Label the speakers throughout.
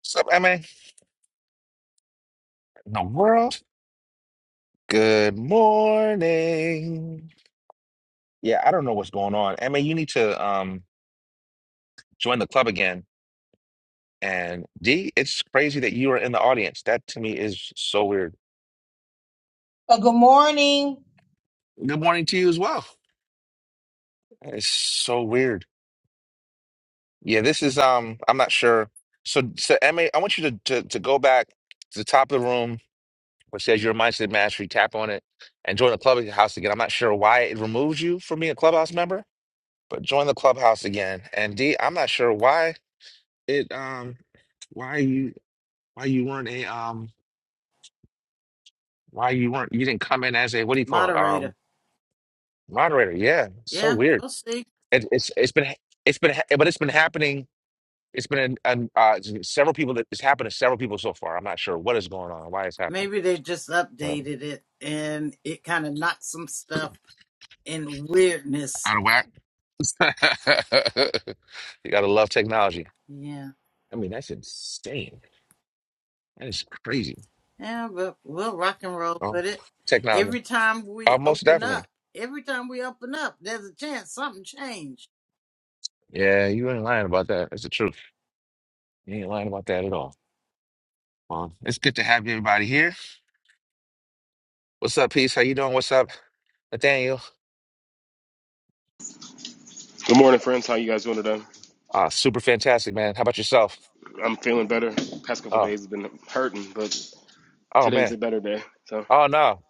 Speaker 1: What's up, Emma? In the world? Good morning. Yeah, I don't know what's going on. Emma, you need to um join the club again. And D, it's crazy that you are in the audience. That to me is so weird.
Speaker 2: Uh, good morning.
Speaker 1: Good morning to you as well. That is so weird. Yeah, this is um, I'm not sure. So so Emma, I want you to to, to go back to the top of the room which says your mindset mastery, tap on it and join the clubhouse again. I'm not sure why it removes you from being a clubhouse member. But join the clubhouse again. And D, I'm not sure why it um why you why you weren't a um why you weren't you didn't come in as a what do you call it? Um
Speaker 3: moderator.
Speaker 1: moderator. Yeah. So
Speaker 3: Yeah,
Speaker 1: weird.
Speaker 3: we'll see.
Speaker 1: It, it's it's been it's been ha- but it's been happening. It's been an, uh several people that it's happened to several people so far. I'm not sure what is going on, why it's happening.
Speaker 3: Maybe they just
Speaker 1: But
Speaker 3: updated it and it kind of knocked some stuff in weirdness.
Speaker 1: out of whack. You gotta love technology.
Speaker 3: Yeah.
Speaker 1: I mean, that's insane. That is crazy.
Speaker 3: Yeah, but we'll rock and roll
Speaker 1: Oh,
Speaker 3: with it.
Speaker 1: technology.
Speaker 3: Every time
Speaker 1: Uh,
Speaker 3: we
Speaker 1: most
Speaker 3: open
Speaker 1: definitely.
Speaker 3: up, every time we open up, there's a chance something changed.
Speaker 1: Yeah, you ain't lying about that. It's the truth. You ain't lying about that at all. Well, it's good to have everybody here. What's up, Peace? How you doing? What's up, Nathaniel?
Speaker 4: Good morning, friends. How you guys doing today?
Speaker 1: Ah, super fantastic, man. How about yourself?
Speaker 4: I'm feeling better. Past couple
Speaker 1: Oh,
Speaker 4: days have been hurting, but
Speaker 1: oh
Speaker 4: today's
Speaker 1: man.
Speaker 4: a better day. So,
Speaker 1: Oh no.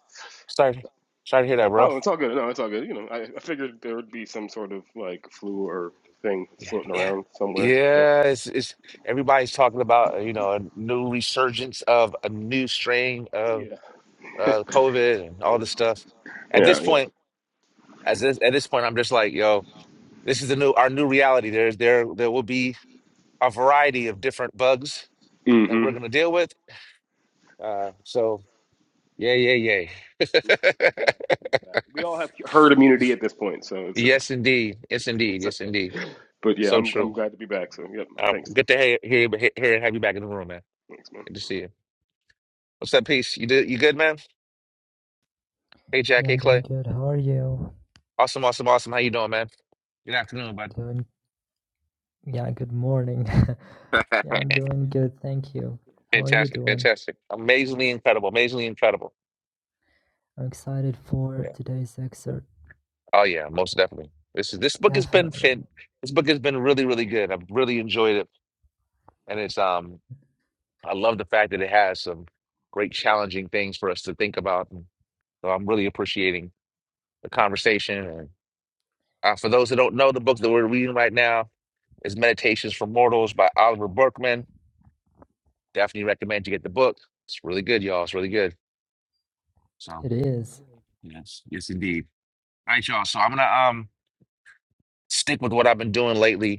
Speaker 1: Sorry. Sorry to hear that, bro.
Speaker 4: oh, it's all good. No, it's all good. You know, I, I figured there would be some sort of like flu or thing
Speaker 1: Yeah,
Speaker 4: floating
Speaker 1: yeah.
Speaker 4: around somewhere. So,
Speaker 1: Yeah, it's, it's everybody's talking about, uh, you know, a new resurgence of a new strain of
Speaker 4: yeah,
Speaker 1: uh COVID and all this stuff. At this
Speaker 4: yeah, yeah.
Speaker 1: point, as this, at this point, I'm just like, yo. This is the new our new reality. There's there there will be a variety of different bugs that we're
Speaker 4: Mm-hmm.
Speaker 1: going to deal with. Uh, so yeah, yeah, yeah.
Speaker 4: Yeah, Exactly, exactly. We all have herd immunity at this point, so it's,
Speaker 1: yes,
Speaker 4: it's
Speaker 1: indeed. Yes,
Speaker 4: it
Speaker 1: indeed.
Speaker 4: seems
Speaker 1: Yes, indeed.
Speaker 4: okay. But yeah,
Speaker 1: So
Speaker 4: I'm I'm
Speaker 1: true.
Speaker 4: glad to be back. So, yep.
Speaker 1: Uh,
Speaker 4: Thanks,
Speaker 1: good to hear, hear, hear hear and have you back in the room, man.
Speaker 4: thanks, man.
Speaker 1: Good to see you. What's up, peace? You did you good, man? Hey, Jack.
Speaker 5: Yeah,
Speaker 1: Hey,
Speaker 5: I'm doing
Speaker 1: Clay.
Speaker 5: good. How are you?
Speaker 1: Awesome, awesome, awesome. How you doing, man? Good afternoon, bud.
Speaker 5: Doing, yeah, good morning. Yeah, I'm doing good. Thank you. How are you
Speaker 1: fantastic,
Speaker 5: doing?
Speaker 1: fantastic. Amazingly incredible. Amazingly incredible.
Speaker 5: I'm excited for
Speaker 1: Yeah.
Speaker 5: today's excerpt.
Speaker 1: Oh yeah, most definitely. This is this book has been fin
Speaker 5: Definitely.
Speaker 1: this book has been really, really good. I've really enjoyed it. And it's um I love the fact that it has some great challenging things for us to think about. And so I'm really appreciating the conversation. And uh, for those that don't know, the book that we're reading right now is Meditations for Mortals by Oliver Berkman. Definitely recommend you get the book. It's really good, y'all. It's really good. So
Speaker 5: It is.
Speaker 1: yes, yes indeed. All right, y'all. So I'm gonna um stick with what I've been doing lately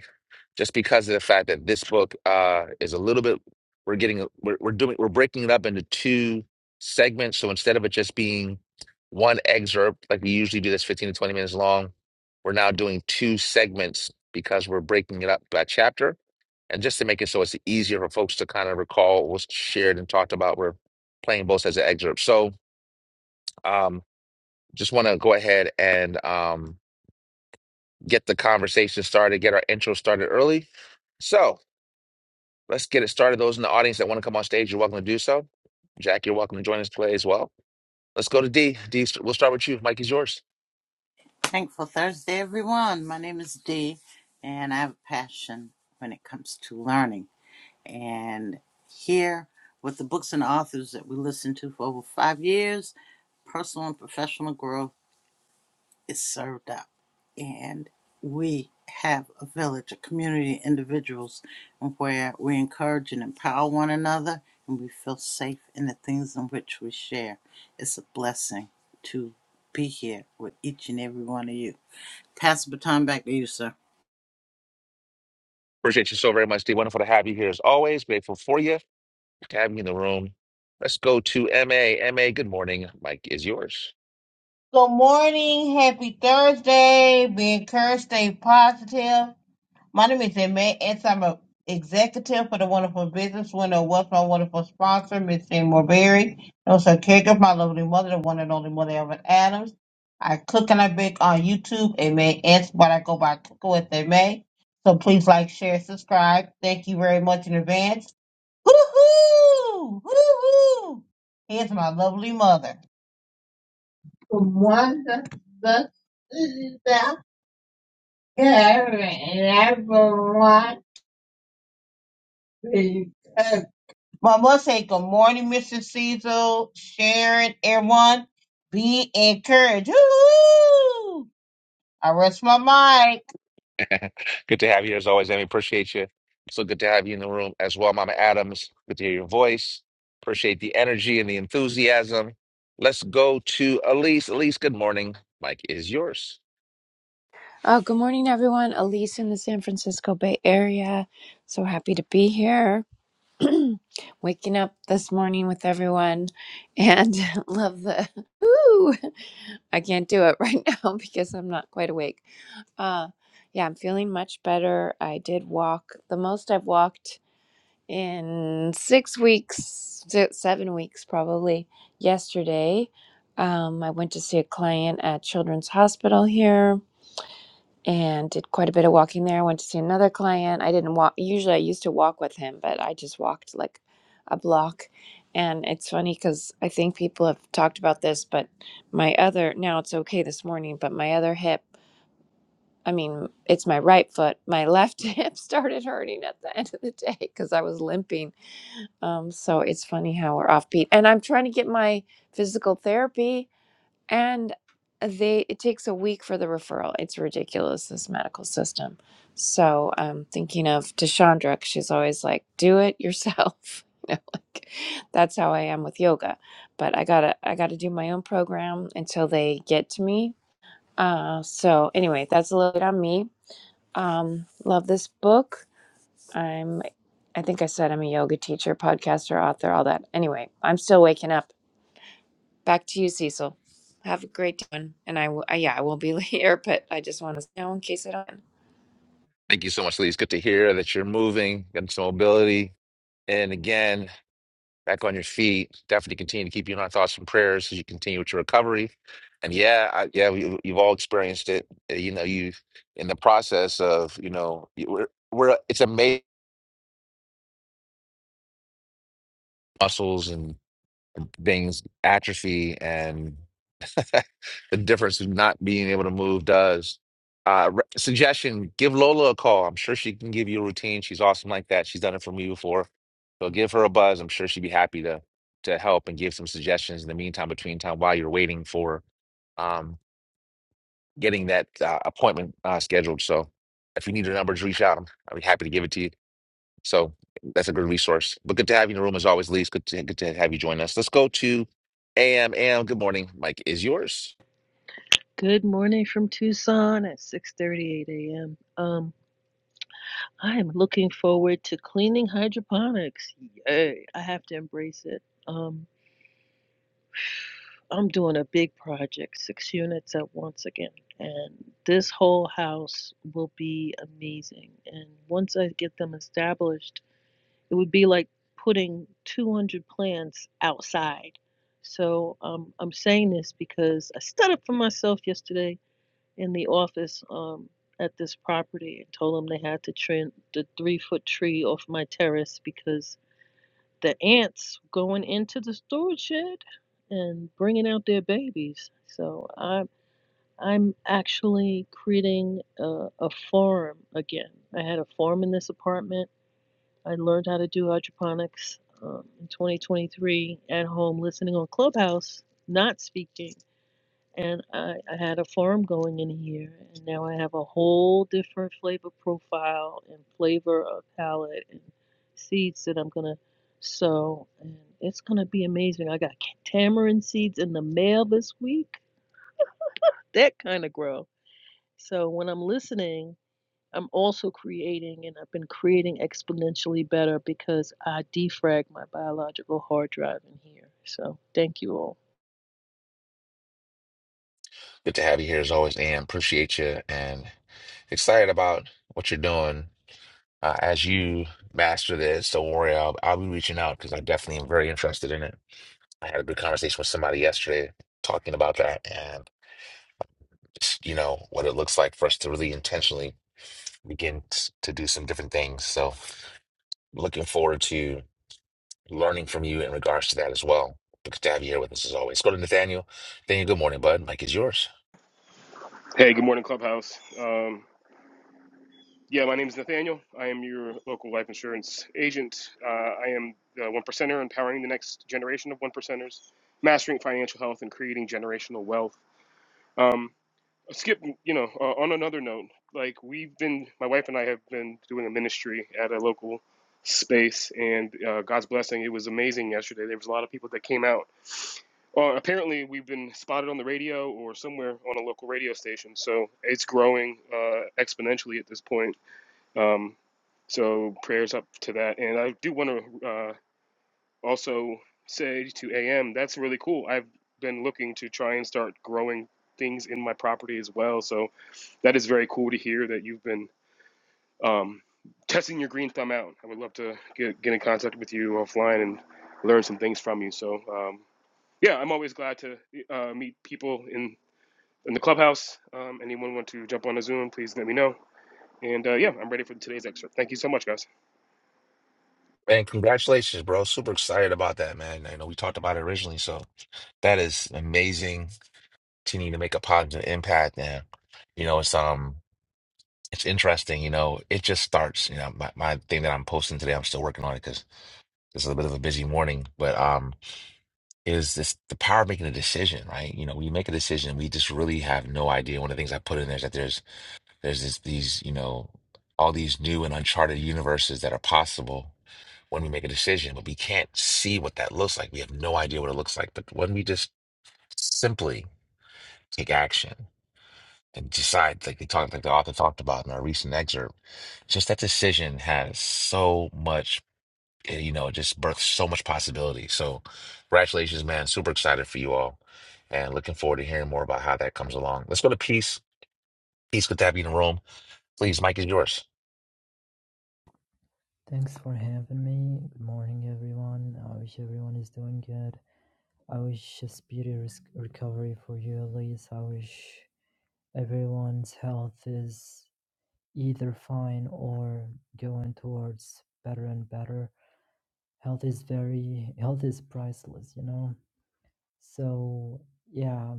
Speaker 1: just because of the fact that this book uh, is a little bit we're getting we're, we're doing we're breaking it up into two segments so instead of it just being one excerpt like we usually do that's 15 to 20 minutes long we're now doing two segments because we're breaking it up by chapter and just to make it so it's easier for folks to kind of recall what's shared and talked about we're playing both as an excerpt so um, just want to go ahead and um, get the conversation started get our intro started early so Let's get it started. Those in the audience that want to come on stage, you're welcome to do so. Jack, you're welcome to join us today as well. Let's go to D. D, we'll start with you. Mike is yours.
Speaker 3: Thankful Thursday, everyone. My name is Dee, and I have a passion when it comes to learning. And here, with the books and authors that we listen to for over five years, personal and professional growth is served up. And we have a village, a community, of individuals, and where we encourage and empower one another and we feel safe in the things in which we share. It's a blessing to be here with each and every one of you. Pass the baton back to you, sir.
Speaker 1: Appreciate you so very much, D. Wonderful to have you here as always. Grateful for you, to have you in the room. Let's go to M. A. M. A. good morning. Mike is yours.
Speaker 2: Good morning. Happy Thursday. Be encouraged. Stay positive. My name is Emma Ets. I'm a executive for the wonderful business window. What's my wonderful sponsor, Miss Seymour Berry. And also a caregiver, my lovely mother, the one and only mother, Evan Adams. I cook and I bake on YouTube, Amen Ets, but I go by Cooking with Amen. So please like, share, subscribe. Thank you very much in advance. Woohoo! Woohoo! Here's my lovely mother. from one of the cities and everyone be good. Well, I will say good morning, Mr. Cecil, Sharon, everyone. Be encouraged. Woo! I rest my mic.
Speaker 1: good to have you here as always, MA. Appreciate you. So good to have you in the room as well, Mama Adams. Good to hear your voice. Appreciate the energy and the enthusiasm. Let's go to Elise. Elise, good morning. Mike is yours.
Speaker 6: Oh, good morning, everyone. Elise in the San Francisco Bay Area. So happy to be here. Waking up this morning with everyone and love the. Woo! I can't do it right now because I'm not quite awake. Uh, yeah, I'm feeling much better. I did walk the most I've walked in six weeks, se- seven weeks probably, yesterday. Um, I went to see a client at Children's Hospital here and did quite a bit of walking there. I went to see another client. I didn't walk. Usually, I used to walk with him, but I just walked like a block. And it's funny because I think people have talked about this, but my other, now it's okay this morning, but my other hip, I mean, it's my right foot, my left hip started hurting at the end of the day because I was limping. Um, so it's funny how we're offbeat. And I'm trying to get my physical therapy and they it takes a week for the referral it's ridiculous this medical system so i'm thinking of Tashandra 'cause she's always like do it yourself you know like that's how i am with yoga but i gotta i gotta do my own program until they get to me uh so anyway that's a little bit on me um love this book i'm i think i said i'm a yoga teacher podcaster author all that anyway i'm still waking up Back to you, Cecil. Have a great one. And I will, yeah, I will be here, but I just want to know in case I don't.
Speaker 1: Thank you so much, Lee. It's good to hear that you're moving, getting some mobility. And again, back on your feet. Definitely continue to keep you in our thoughts and prayers as you continue with your recovery. And yeah, I, yeah, we, you've all experienced it. Uh, You know, you in the process of, you know, you- we're, we're it's amazing muscles and. things atrophy and the difference of not being able to move does. Uh, re- suggestion: Give Lola a call. I'm sure she can give you a routine. She's awesome like that. She's done it for me before, so give her a buzz. I'm sure she'd be happy to to help and give some suggestions in the meantime, between time while you're waiting for um, getting that uh, appointment uh, scheduled. So if you need her numbers, reach out. I'm- I'd be happy to give it to you. So that's a good resource. But good to have you in the room as always, Lee. It's good to, good to have you join us. Let's go to AM. AM, good morning. Mike is yours.
Speaker 7: Good morning from Tucson at 6:38 a.m. Um, I am looking forward to cleaning hydroponics. Yay! I have to embrace it. Um, I'm doing a big project, six units at once again, and this whole house will be amazing. And once I get them established, it would be like putting 200 plants outside. So um, I'm saying this because I stood up for myself yesterday in the office um, at this property and told them they had to trim the three foot tree off my terrace because the ants going into the storage shed and bringing out their babies. So I'm I'm actually creating a, a farm again. I had a farm in this apartment. I learned how to do hydroponics um, in 2023 at home, listening on Clubhouse, not speaking and I, I had a farm going in here, and now I have a whole different flavor profile and flavor of palette and seeds that I'm gonna sow, and it's gonna be amazing. I got tamarind seeds in the mail this week. That kind of grow. So when I'm listening, I'm also creating, and I've been creating exponentially better because I defrag my biological hard drive in here. So thank you all.
Speaker 1: Good to have you here as always, AM. Appreciate you and excited about what you're doing uh, as you master this. Don't worry, I'll, I'll be reaching out because I definitely am very interested in it. I had a good conversation with somebody yesterday talking about that and just, you know what it looks like for us to really intentionally begin t- to do some different things. So looking forward to learning from you in regards to that as well. Good to have you here with us as always. Go to Nathaniel. Nathaniel, good morning, bud. Mike is yours.
Speaker 4: Hey, good morning, Clubhouse. Um, Yeah, my name is Nathaniel. I am your local life insurance agent. Uh, I am the one percenter, empowering the next generation of one percenters, mastering financial health and creating generational wealth. Um, skip, you know, uh, on another note, like we've been, my wife and I have been doing a ministry at a local space, and uh, God's blessing, it was amazing yesterday. There was a lot of people that came out. Uh, apparently, we've been spotted on the radio or somewhere on a local radio station, so it's growing uh, exponentially at this point um, so prayers up to that. And I do want to uh, also say to AM, that's really cool. I've been looking to try and start growing things in my property as well. So that is very cool to hear that you've been um, testing your green thumb out. I would love to get, get in contact with you offline and learn some things from you. So um, yeah, I'm always glad to uh, meet people in in the clubhouse. Um, anyone want to jump on a Zoom? Please let me know. And uh, yeah, I'm ready for today's excerpt. Thank you so much, guys.
Speaker 1: And congratulations, bro. Super excited about that, man. I know we talked about it originally, so that is amazing. Continuing to make a positive impact, and you know, it's um, it's interesting. You know, it just starts. You know, my, my thing that I'm posting today, I'm still working on it because this is a bit of a busy morning. But um, is this the power of making a decision, right? You know, when you make a decision, we just really have no idea. One of the things I put in there is that there's There's this, these, you know, all these new and uncharted universes that are possible when we make a decision, but we can't see what that looks like. We have no idea what it looks like. But when we just simply take action and decide, like they talked, like the author talked about in our recent excerpt, just that decision has so much, eh, you know, it just births so much possibility. So, congratulations, man! Super excited for you all, and looking forward to hearing more about how that comes along. Let's go to peace. Peace, good to have you in the room. Please, Mike is yours.
Speaker 5: Thanks for having me. Good morning, everyone. I wish everyone is doing good. I wish a speedy res- recovery for you, Elise. I wish everyone's health is either fine or going towards better and better. Health is very, health is priceless, you know? So, yeah,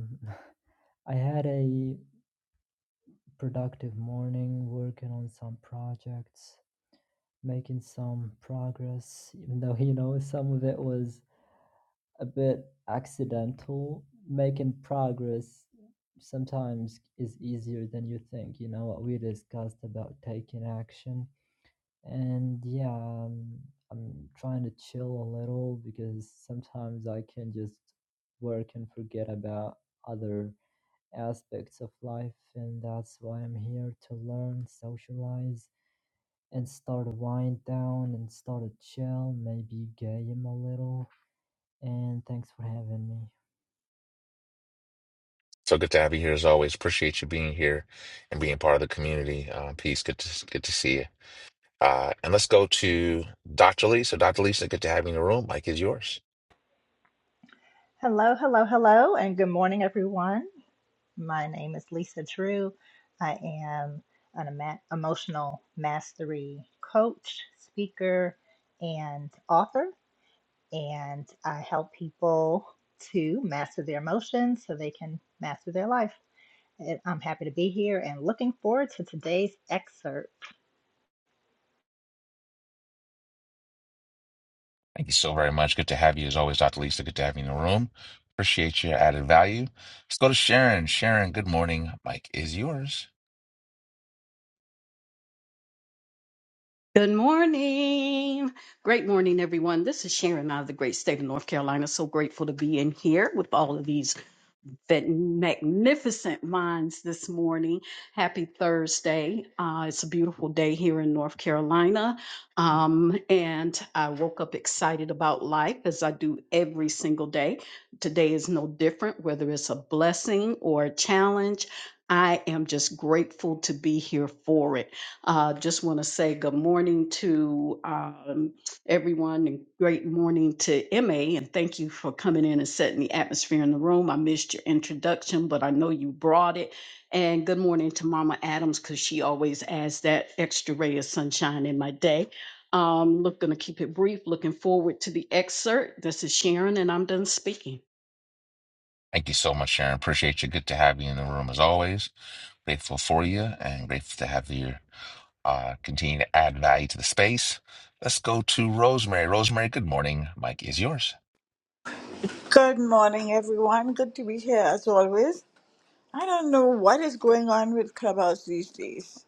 Speaker 5: I had a productive morning working on some projects, making some progress, even though, you know, some of it was a bit accidental. Making progress sometimes is easier than you think, you know, what we discussed about taking action. And yeah, um, I'm trying to chill a little because sometimes I can just work and forget about other aspects of life, and that's why I'm here to learn, socialize, and start a wind down and start a chill, maybe game a little. And thanks for having me.
Speaker 1: So good to have you here as always. Appreciate you being here and being part of the community. Uh, peace. Good to good to see you. Uh, and let's go to Dr. Lisa. Dr. Lisa, good to have you in the room. Mike is yours.
Speaker 8: Hello, hello, hello, and good morning, everyone. My name is Lisa Drew. I am an ema- emotional mastery coach, speaker, and author, and I help people to master their emotions so they can master their life. And I'm happy to be here and looking forward to today's excerpt.
Speaker 1: Thank you so very much. Good to have you as always, Dr. Lisa. Good to have you in the room. Appreciate your added value. Let's go to Sharon. Sharon, good morning. Mike is yours.
Speaker 9: Good morning. Great morning, everyone. This is Sharon out of the great state of North Carolina. So grateful to be in here with all of these that magnificent minds this morning. Happy Thursday. Uh, it's a beautiful day here in North Carolina. Um, and I woke up excited about life as I do every single day. Today is no different, whether it's a blessing or a challenge. I am just grateful to be here for it. Uh, just want to say good morning to um, everyone and great morning to MA and thank you for coming in and setting the atmosphere in the room. I missed your introduction, but I know you brought it. And good morning to Mama Adams because she always adds that extra ray of sunshine in my day. Um, look, gonna keep it brief. Looking forward to the excerpt. This is Sharon, and I'm done speaking.
Speaker 1: Thank you so much, Sharon. Appreciate you. Good to have you in the room as always. Grateful for you and grateful to have you. uh, continue to add value to the space. Let's go to Rosemary. Rosemary, good morning. Mike is yours.
Speaker 10: Good morning, everyone. Good to be here as always. I don't know what is going on with Clubhouse these days.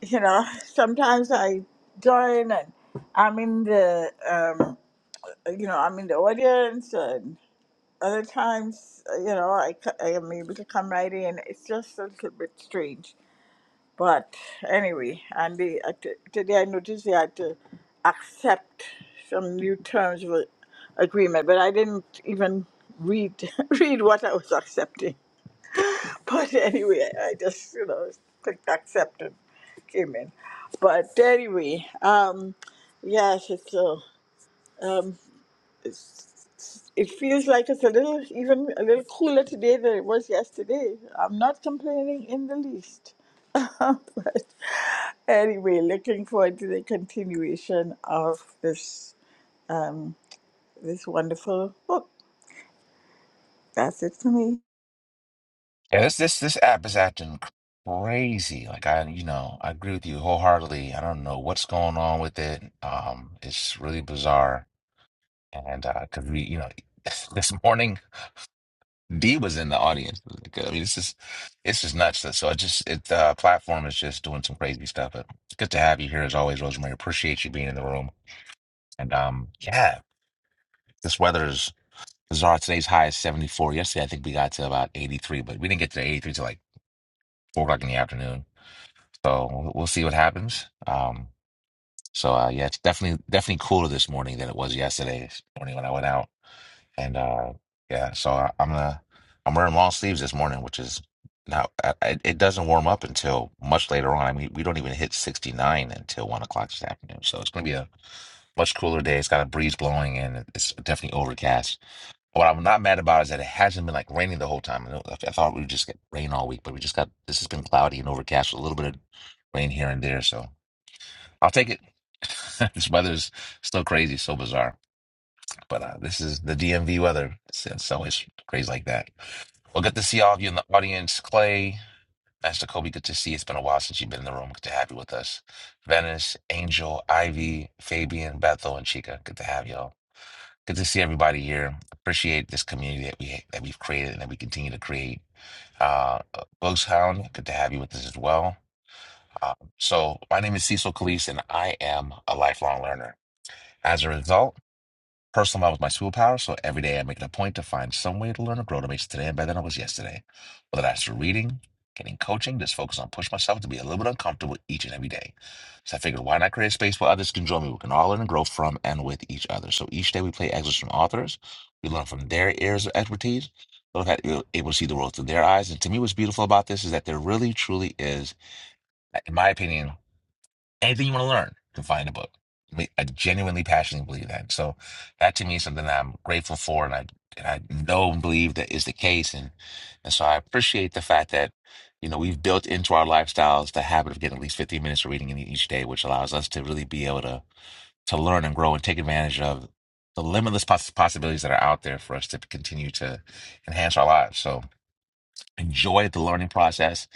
Speaker 10: You know, sometimes I join and I'm in the, um, you know, I'm in the audience, and other times, you know, I, c- I am able to come right in. It's just a little bit strange. But anyway, and they, uh, t- today I noticed they had to accept some new terms of a- agreement, but I didn't even read read what I was accepting. But anyway, I just you know clicked accept and came in. But anyway, um, yes, it's a um, it's, it feels like it's a little even a little cooler today than it was yesterday. I'm not complaining in the least but anyway, looking forward to the continuation of this um, this wonderful book. That's it for me.
Speaker 1: Yeah, this this this app is acting crazy. Like I, you know, I agree with you wholeheartedly. I don't know what's going on with it. Um, it's really bizarre. And uh, cause we, you know, this morning D was in the audience. Like, I mean, this is it's just nuts. So so I just it the uh, platform is just doing some crazy stuff. But good to have you here as always, Rosemary. Appreciate you being in the room. And um, yeah, this weather is. Zara, today's high is 74. Yesterday, I think we got to about 83, but we didn't get to 83 till like four o'clock in the afternoon. So we'll we'll see what happens. Um, so uh, yeah, it's definitely definitely cooler this morning than it was yesterday morning when I went out. And uh, yeah, so I, I'm gonna I'm wearing long sleeves this morning, which is now it, it doesn't warm up until much later on. I mean, we don't even hit 69 until one o'clock this afternoon. So it's gonna be a much cooler day. It's got a breeze blowing and it's definitely overcast. What I'm not mad about is that it hasn't been like raining the whole time. I, know, I I thought we would just get rain all week, but we just got this has been cloudy and overcast with a little bit of rain here and there. So I'll take it. this weather's still crazy, so bizarre. But uh, this is the DMV weather. It's, it's always crazy like that. Well, good to see all of you in the audience. Clay, Master Kobe, good to see. you. It's been a while since you've been in the room. Good to have you with us. Venice, Angel, Ivy, Fabian, Bethel, and Chica. Good to have y'all. Good to see everybody here. Appreciate this community that we that we've created and that we continue to create. Uh, Ghost Hound, good to have you with us as well. Uh, so my name is Cecil Calise, and I am a lifelong learner. As a result. Personal development is my superpower, so every day I make it a point to find some way to learn or grow to make today better than I was yesterday. Whether that's through reading, getting coaching, just focus on push myself to be a little bit uncomfortable each and every day. So I figured, why not create a space where others can join me? We can all learn and grow from and with each other. So each day we play excerpts from authors. We learn from their areas of expertise. So that you're able to see the world through their eyes. And to me, what's beautiful about this is that there really, truly is, in my opinion, anything you want to learn, you can find a book. I mean, I genuinely, passionately believe that. So that to me is something that I'm grateful for, and I and I know and believe that is the case, and and so I appreciate the fact that you know we've built into our lifestyles the habit of getting at least 15 minutes of reading in each day, which allows us to really be able to to learn and grow and take advantage of the limitless poss- possibilities that are out there for us to continue to enhance our lives. So enjoy the learning process,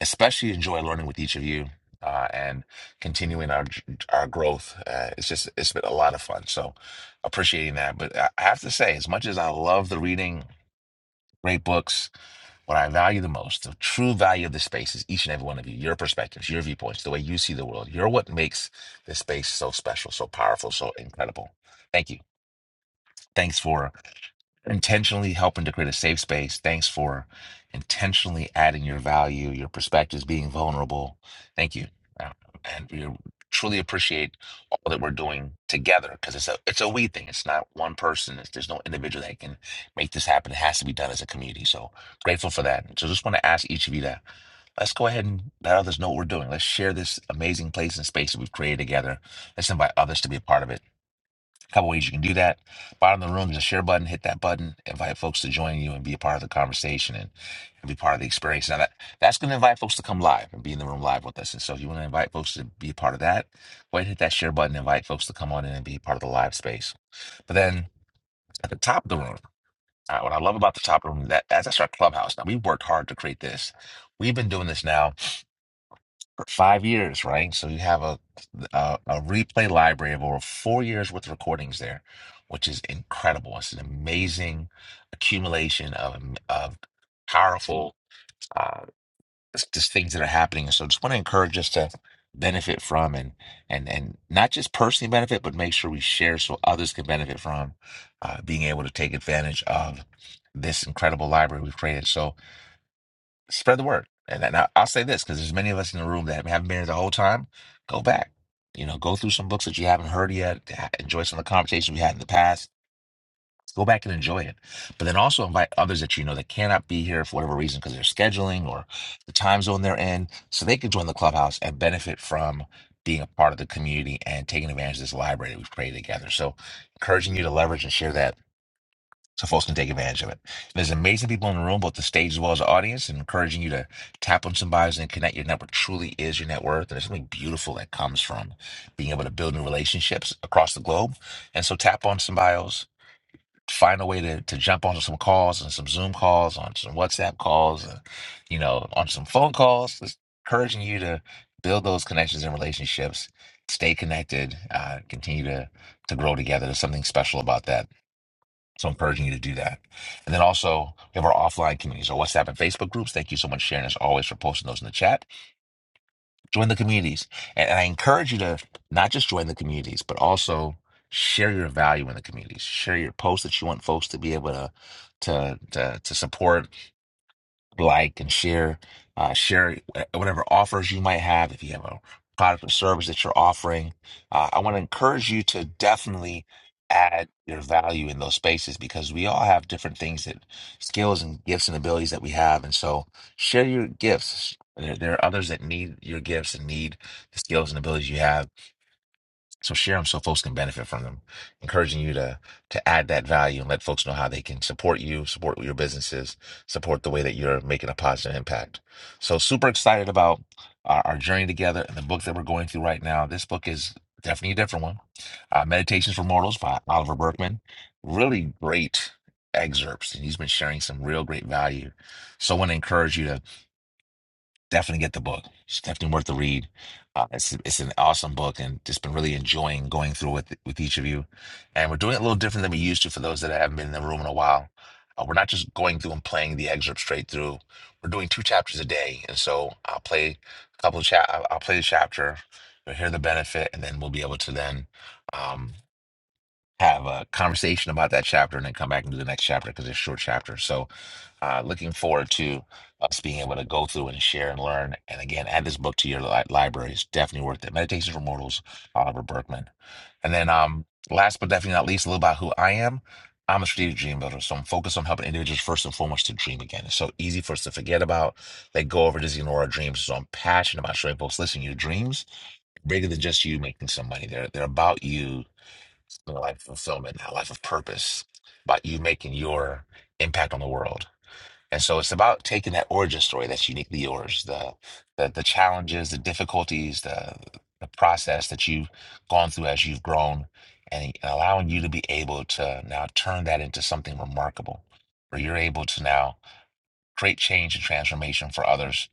Speaker 1: especially enjoy learning with each of you uh, and continuing our our growth. Uh, it's just it's been a lot of fun. So appreciating that. But I I have to say, as much as I love the reading great books, what I value the most, the true value of the space is each and every one of you, your perspectives, your viewpoints, the way you see the world. You're what makes this space so special, so powerful, so incredible. Thank you. Thanks for intentionally helping to create a safe space. Thanks for intentionally adding your value, your perspectives, being vulnerable. Thank you, Uh, and we truly appreciate all that we're doing together because it's a it's a we thing. It's not one person. It's, there's no individual that can make this happen. It has to be done as a community. So grateful for that. So just want to ask each of you to let's go ahead and let others know what we're doing. Let's share this amazing place and space that we've created together. Let's invite others to be a part of it. A couple ways you can do that. Bottom of the room, there's a share button. Hit that button. Invite folks to join you and be a part of the conversation and, and be part of the experience. Now that that's going to invite folks to come live and be in the room live with us. And so, if you want to invite folks to be a part of that, go ahead and hit that share button. Invite folks to come on in and be a part of the live space. But then at the top of the room, uh, what I love about the top of the room that that's our clubhouse. Now we've worked hard to create this. We've been doing this now five years, right? So you have a, a a replay library of over four years worth of recordings there, which is incredible. It's an amazing accumulation of um, of powerful uh, just things that are happening. And so, just want to encourage us to benefit from and and and not just personally benefit, but make sure we share so others can benefit from uh, being able to take advantage of this incredible library we've created. So spread the word. And, and I, I'll say this because there's many of us in the room that haven't been here the whole time. Go back, you know, go through some books that you haven't heard yet. ha- Enjoy some of the conversations we had in the past. Go back and enjoy it. But then also invite others that you know that cannot be here for whatever reason because they're scheduling or the time zone they're in, so they can join the clubhouse and benefit from being a part of the community and taking advantage of this library that we've created together. So, encouraging you to leverage and share that so folks can take advantage of it. There's amazing people in the room, both the stage as well as the audience, and encouraging you to tap on some bios and connect. Your network truly is your net worth, and there's something beautiful that comes from being able to build new relationships across the globe. And so tap on some bios, find a way to, to jump onto some calls and some Zoom calls, on some WhatsApp calls, uh, you know, on some phone calls. Just encouraging you to build those connections and relationships. Stay connected. Uh, continue to to grow together. There's something special about that so I'm encouraging you to do that. And then also, we have our offline communities, our WhatsApp and Facebook groups. Thank you so much, Sharon, as always, for posting those in the chat. Join the communities. And, and I encourage you to not just join the communities, but also share your value in the communities. Share your posts that you want folks to be able to to to, to support like and share uh, share uh, whatever offers you might have if you have a product or service that you're offering uh, i want to encourage you to definitely add your value in those spaces because we all have different things that skills and gifts and abilities that we have and so share your gifts there, there are others that need your gifts and need the skills and abilities you have so share them so folks can benefit from them. Encouraging you to to add that value and let folks know how they can support you, support your businesses, support the way that you're making a positive impact. So super excited about our, our journey together and the book that we're going through right now. This book is definitely a different one. Uh, Meditations for Mortals by Oliver Berkman. Really great excerpts, and he's been sharing some real great value. So I want to encourage you to definitely get the book. It's definitely worth the read. Uh, it's it's an awesome book, and just been really enjoying going through with with each of you. And we're doing it a little different than we used to for those that haven't been in the room in a while. Uh, we're not just going through and playing the excerpt straight through. We're doing two chapters a day, and so I'll play a couple of chap. I'll I'll play the chapter, you'll hear the benefit, and then we'll be able to then um, have a conversation about that chapter, and then come back and do the next chapter because it's a short chapter. So uh, looking forward to us being able to go through and share and learn. And again, add this book to your li- library. It's definitely worth it. Meditations for Mortals, Oliver Berkman. And then, um, last but definitely not least, a little about who I am. I'm a strategic dream builder, so I'm focused on helping individuals first and foremost to dream again. It's so easy for us to forget about, let go over, just ignore our dreams. So I'm passionate about showing folks, listen, your dreams are bigger than just you making some money. They're they're about you in a life of fulfillment, a life of purpose, about you making your impact on the world. And so it's about taking that origin story that's uniquely yours, the the, the challenges, the difficulties, the the process that you've gone through as you've grown, and allowing you to be able to now turn that into something remarkable, where you're able to now create change and transformation for others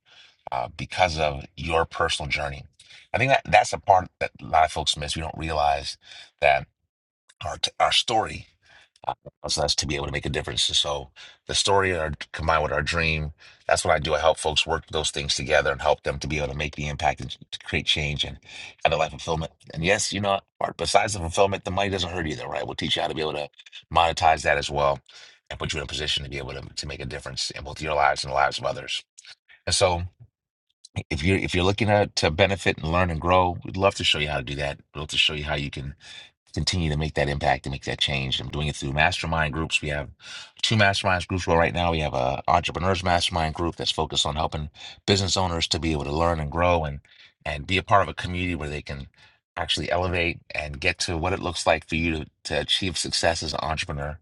Speaker 1: uh, because of your personal journey. I think that that's a part that a lot of folks miss. We don't realize that our t- our story uh, us us to be able to make a difference. so the story and our, combined with our dream, that's what I do. I help folks work those things together and help them to be able to make the impact and to create change and have a life fulfillment. And yes, you know, Art, besides the fulfillment, the money doesn't hurt either, right? We'll teach you how to be able to monetize that as well and put you in a position to be able to, to make a difference in both your lives and the lives of others. And so if you're if you're looking to, to benefit and learn and grow, we'd love to show you how to do that. We'd love to show you how you can continue to make that impact and make that change. I'm doing it through mastermind groups. We have two mastermind groups where right now we have a entrepreneurs mastermind group that's focused on helping business owners to be able to learn and grow and and be a part of a community where they can actually elevate and get to what it looks like for you to, to achieve success as an entrepreneur.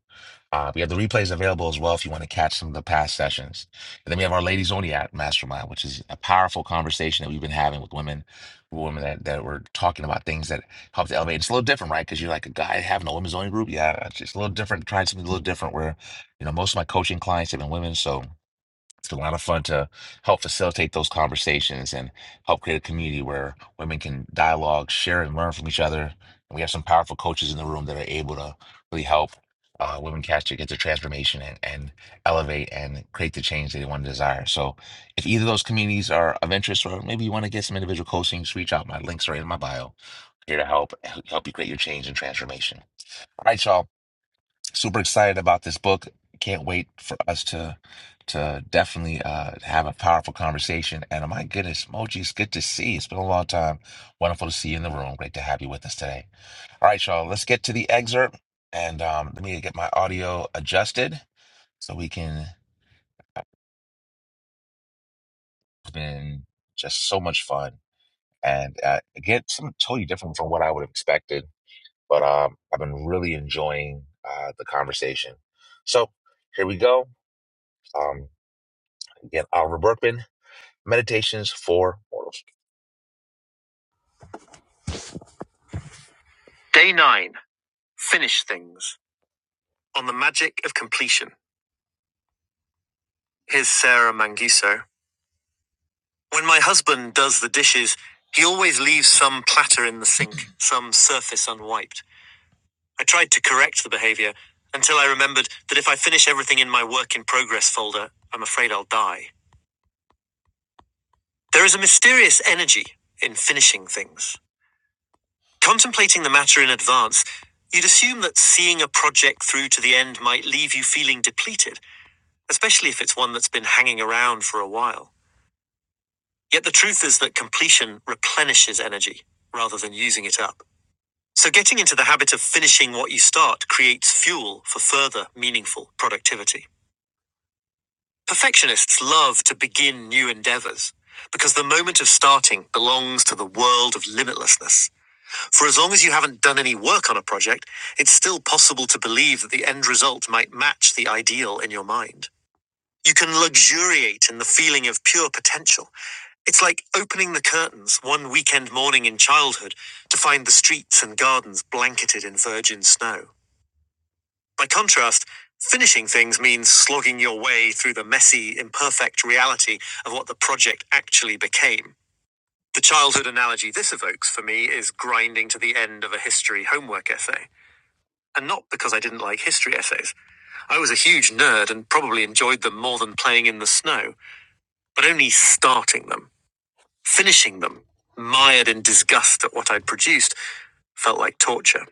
Speaker 1: Uh, we have the replays available as well if you want to catch some of the past sessions. And then we have our Ladies Only at Mastermind, which is a powerful conversation that we've been having with women, women that, that were talking about things that help to elevate. It's a little different, right? Because you're like a guy having a women's only group. Yeah, it's just a little different. Trying something a little different where, you know, most of my coaching clients have been women. So it's a lot of fun to help facilitate those conversations and help create a community where women can dialogue, share, and learn from each other. And we have some powerful coaches in the room that are able to really help uh, women catch get their transformation and, and elevate and create the change they want to desire. So, if either of those communities are of interest, or maybe you want to get some individual coaching, just reach out. My links are in my bio. Here to help help you create your change and transformation. All right, y'all super excited about this book. Can't wait for us to to definitely uh, have a powerful conversation. And oh my goodness, Moji, it's good to see. you. It's been a long time. Wonderful to see you in the room. Great to have you with us today. All right, y'all. Let's get to the excerpt. And um, let me get my audio adjusted so we can. It's been just so much fun. And uh, again, something totally different from what I would have expected. But um, I've been really enjoying uh, the conversation. So here we go. Um, again, Oliver Berkman Meditations for Mortals. Day 9. Finish Things. On the Magic of Completion. Here's Sarah Manguso. When my husband does the dishes, he always leaves some platter in the sink, some surface unwiped. I tried to correct the behavior until I remembered that if I finish everything in my work in progress folder, I'm afraid I'll die. There is a mysterious energy in finishing things. Contemplating the matter in advance, you'd assume that seeing a project through to the end might leave you feeling depleted. especially if it's one that's been hanging around for a while. Yet the truth is that completion replenishes energy rather than using it up. So getting into the habit of finishing what you start creates fuel for further meaningful productivity. Perfectionists love to begin new endeavors because the moment of starting belongs to the world of limitlessness. For as long as you haven't done any work on a project, it's still possible to believe that the end result might match the ideal in your mind. You can luxuriate in the feeling of pure potential It's like opening the curtains one weekend morning in childhood to find the streets and gardens blanketed in virgin snow. By contrast, finishing things means slogging your way through the messy, imperfect reality of what the project actually became. The childhood analogy this evokes for me is grinding to the end of a history homework essay. And not because I didn't like history essays. I was a huge nerd and probably enjoyed them more than playing in the snow, but only starting them. Finishing them, mired in disgust at what I'd produced, felt like torture.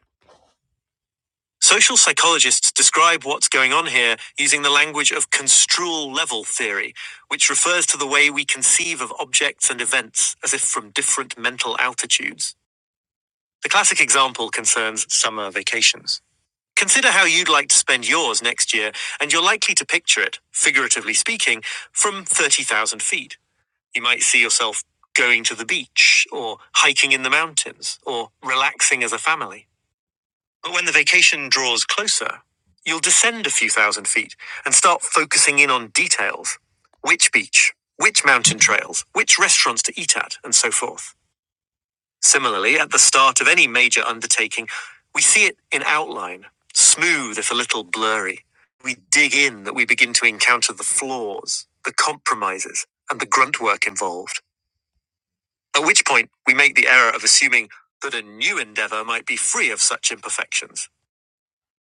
Speaker 1: Social psychologists describe what's going on here using the language of construal level theory, which refers to the way we conceive of objects and events as if from different mental altitudes. The classic example concerns summer vacations. Consider how you'd like to spend yours next year, and you're likely to picture it, figuratively speaking, from 30,000 feet. You might see yourself going to the beach or hiking in the mountains or relaxing as a family. But when the vacation draws closer, you'll descend a few thousand feet and start focusing in on details. Which beach? Which mountain trails? Which restaurants to eat at? And so forth. Similarly, at the start of any major undertaking, we see it in outline, smooth if a little blurry. We dig in that we begin to encounter the flaws, the compromises, and the grunt work involved. At which point, we make the error of assuming that a new endeavor might be free of such imperfections.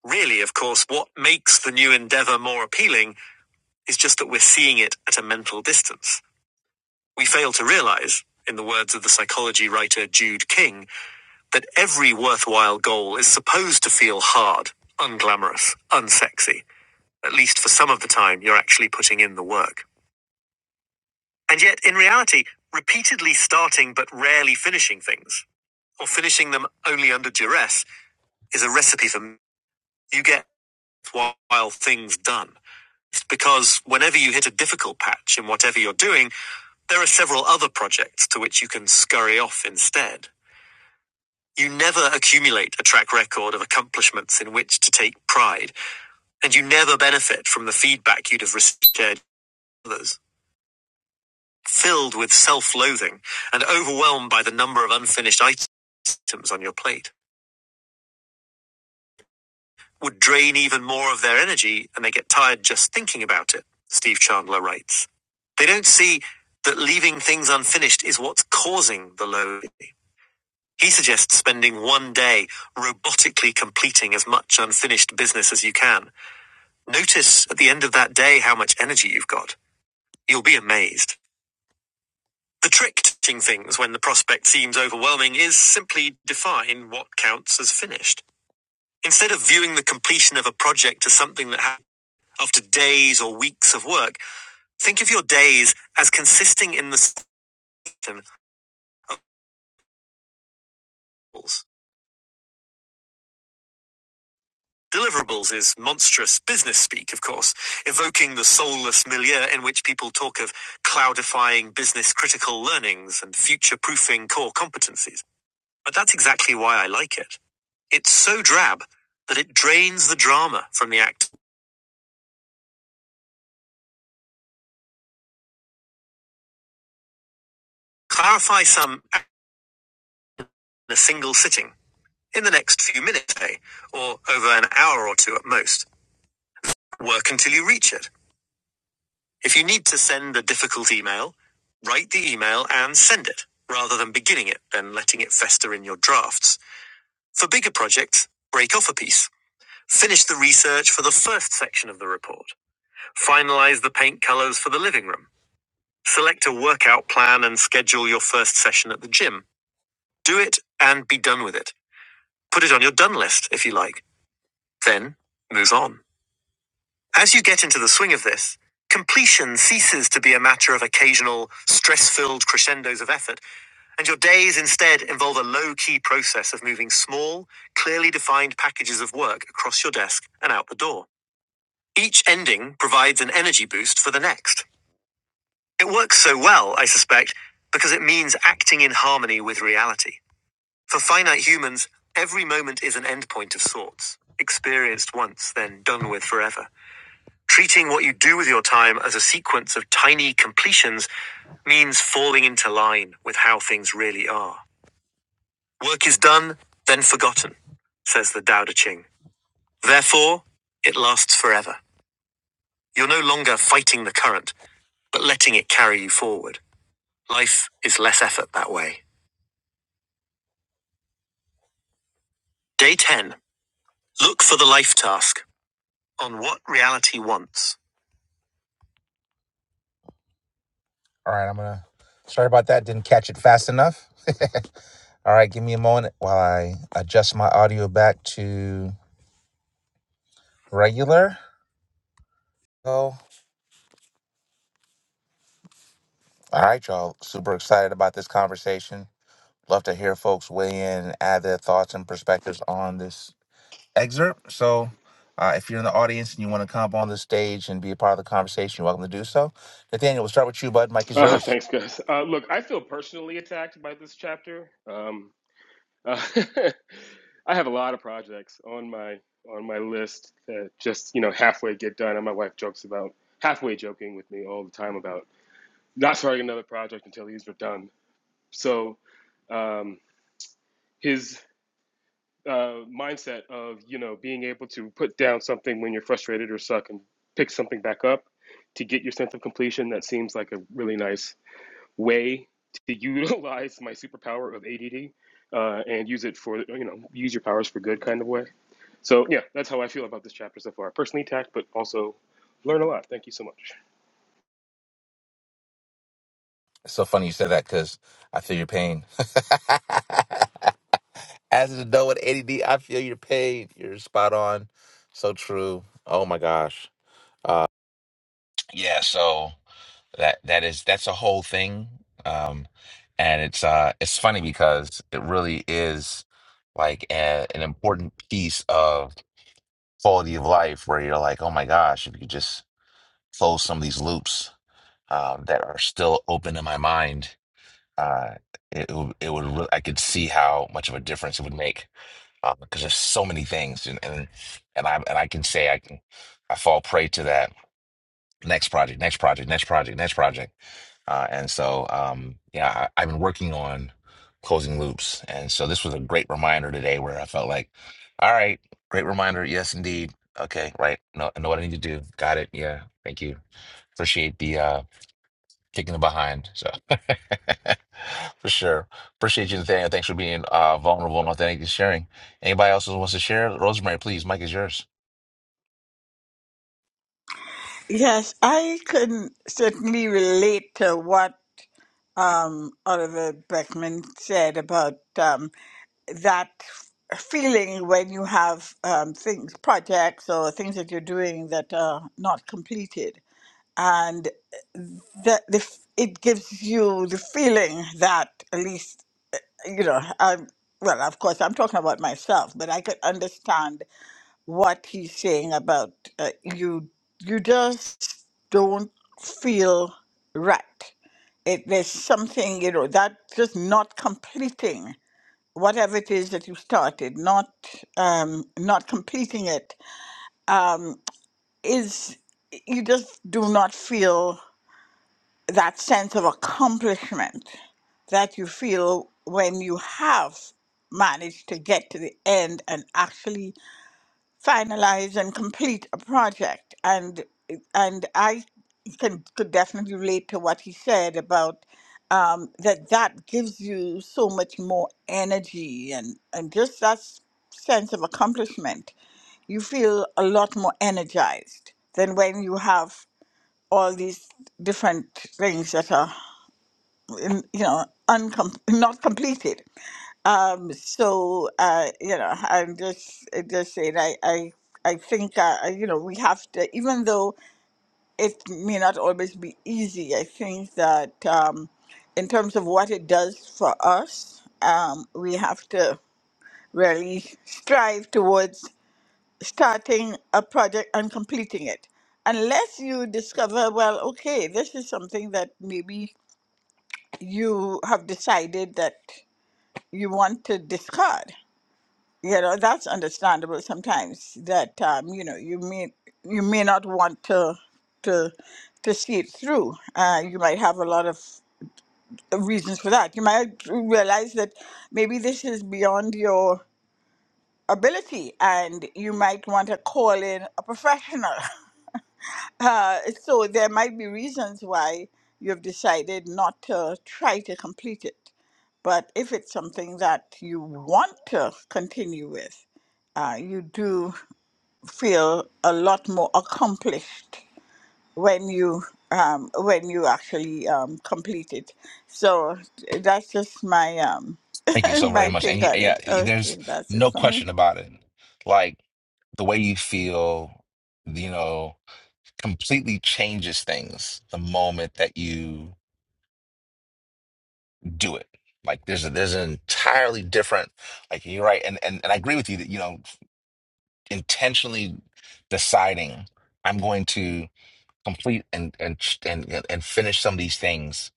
Speaker 1: Really, of course, what makes the new endeavor more appealing is just that we're seeing it at a mental distance. We fail to realize, in the words of the psychology writer Jude King, that every worthwhile goal is supposed to feel hard, unglamorous, unsexy. At least for some of the time, you're actually putting in the work. And yet, in reality, repeatedly starting but rarely finishing things, or finishing them only under duress, is a recipe for you get while things done. It's because whenever you hit a difficult patch in whatever you're doing, there are several other projects to which you can scurry off instead. You never accumulate a track record of accomplishments in which to take pride, and you never benefit from the feedback you'd have received from others. Filled with self-loathing and overwhelmed by the number of unfinished items on your plate. would drain even more of their energy and they get tired just thinking about it, Steve Chandler writes. They don't see that leaving things unfinished is what's causing the load. He suggests spending one day robotically completing as much unfinished business as you can. Notice at the end of that day how much energy you've got. You'll be amazed. The trick to finishing things when the prospect seems overwhelming is simply define what counts as finished. Instead of viewing the completion of a project as something that After days or weeks of work, think of your days as consisting in the system of goals. Deliverables is monstrous business speak, of course, evoking the soulless milieu in which people talk of cloudifying business critical learnings and future proofing core competencies. But that's exactly why I like it. It's so drab that it drains the drama from the act. Clarify some in a single sitting, in the next few minutes, say, or over an hour or two at most. Work until you reach it. If you need to send a difficult email, write the email and send it, rather than beginning it, then letting it fester in your drafts. For bigger projects, break off a piece. Finish the research for the first section of the report. Finalize the paint colors for the living room. Select a workout plan and schedule your first session at the gym. Do it and be done with it. Put it on your done list if you like. Then move on. As you get into the swing of this, completion ceases to be a matter of occasional, stress filled crescendos of effort, and your days instead involve a low key process of moving small, clearly defined packages of work across your desk and out the door. Each ending provides an energy boost for the next. It works so well, I suspect, because it means acting in harmony with reality. For finite humans, every moment is an endpoint of sorts, experienced once, then done with forever. Treating what you do with your time as a sequence of tiny completions means falling into line with how things really are. Work is done, then forgotten, says the Tao Te Ching. Therefore, it lasts forever. You're no longer fighting the current, but letting it carry you forward. Life is less effort that way. Day 10. Look for the life task on what reality wants. All right, I'm going to. Sorry about that. Didn't catch it fast enough. All right, give me a moment while I adjust my audio back to regular. Oh, all right, y'all. Super excited about this conversation. Love to hear folks weigh in and add their thoughts and perspectives on this excerpt. So, uh, if you're in the audience and you want to come up on the stage and be a part of the conversation, you're welcome to do so. Nathaniel, we'll start with you, bud. Mike is
Speaker 4: Oh,
Speaker 1: yours.
Speaker 4: thanks, guys. Uh, look, I feel personally attacked by this chapter. Um, uh, I have a lot of projects on my on my list that just you know halfway get done, and my wife jokes about halfway joking with me all the time about not starting another project until these are done. So um, his uh, mindset of you know being able to put down something when you're frustrated or suck and pick something back up to get your sense of completion that seems like a really nice way to utilize my superpower of ADD uh, and use it for you know use your powers for good kind of way. So yeah, that's how I feel about this chapter so far. Personally attacked, but also learn a lot. Thank you so much.
Speaker 1: It's so funny you said that because I feel your pain. As an adult with ADD, I feel your pain. You're spot on. So true. Oh my gosh. Uh, Yeah, so that that is that's a whole thing. Um and it's uh it's funny because it really is like a, an important piece of quality of life where you're like, "Oh my gosh, if you could just close some of these loops um that are still open in my mind, uh it would- it would re- I could see how much of a difference it would make because there's so many things and and, and I and I can say I can I fall prey to that next project, next project, next project, next project. Uh, and so, um, yeah, I, I've been working on closing loops. And so this was a great reminder today where I felt like, all right, great reminder. Yes, indeed. Okay, right. No, I know what I need to do. Got it. Yeah. Thank you. Appreciate the uh, kicking the behind. So for sure. Appreciate you, Nathaniel. Thanks for being uh, vulnerable and authentic and sharing. Anybody else who wants to share? Rosemary, please. Mike is yours.
Speaker 10: Yes, I can certainly relate to what um, Oliver Beckman said about um, that feeling when you have um, things, projects, or things that you're doing that are not completed, and that the, f- it gives you the feeling that at least you know, I well, of course, I'm talking about myself, but I could understand what he's saying about uh, you. You just don't feel right. It there's something you know that just not completing whatever it is that you started, not um, not completing it um, is you just do not feel that sense of accomplishment that you feel when you have managed to get to the end and actually finalize and complete a project and and I can could definitely relate to what he said about um, that that gives you so much more energy and and just that s- sense of accomplishment you feel a lot more energized than when you have all these different things that are um, you know uncom- not completed um so uh you know i'm just I just saying i i I think, uh, I- you know, we have to, even though it may not always be easy, I think that um, in terms of what it does for us, um, we have to really strive towards starting a project and completing it. Unless you discover, well, okay, this is something that maybe you have decided that you want to discard. You know, that's understandable sometimes that um, you know, you may you may not want to to to see it through. Uh, you might have a lot of reasons for that. You might realize that maybe this is beyond your ability and you might want to call in a professional Uh, so there might be reasons why you have decided not to try to complete it. But if it's something that you want to continue with, uh, you do feel a lot more accomplished when you um, when you actually um, complete it. So that's just my um,
Speaker 1: Thank you so very
Speaker 10: my
Speaker 1: much. And
Speaker 10: take
Speaker 1: y-
Speaker 10: on
Speaker 1: yeah,
Speaker 10: it. Okay,
Speaker 1: there's
Speaker 10: that's it
Speaker 1: no
Speaker 10: for me.
Speaker 1: question about it. Like the way you feel, you know, completely changes things the moment that you do it. Like there's a, there's an entirely different, like you're right. And, and, and I agree with you that, you know, intentionally deciding I'm going to complete and, and, and, and finish some of these things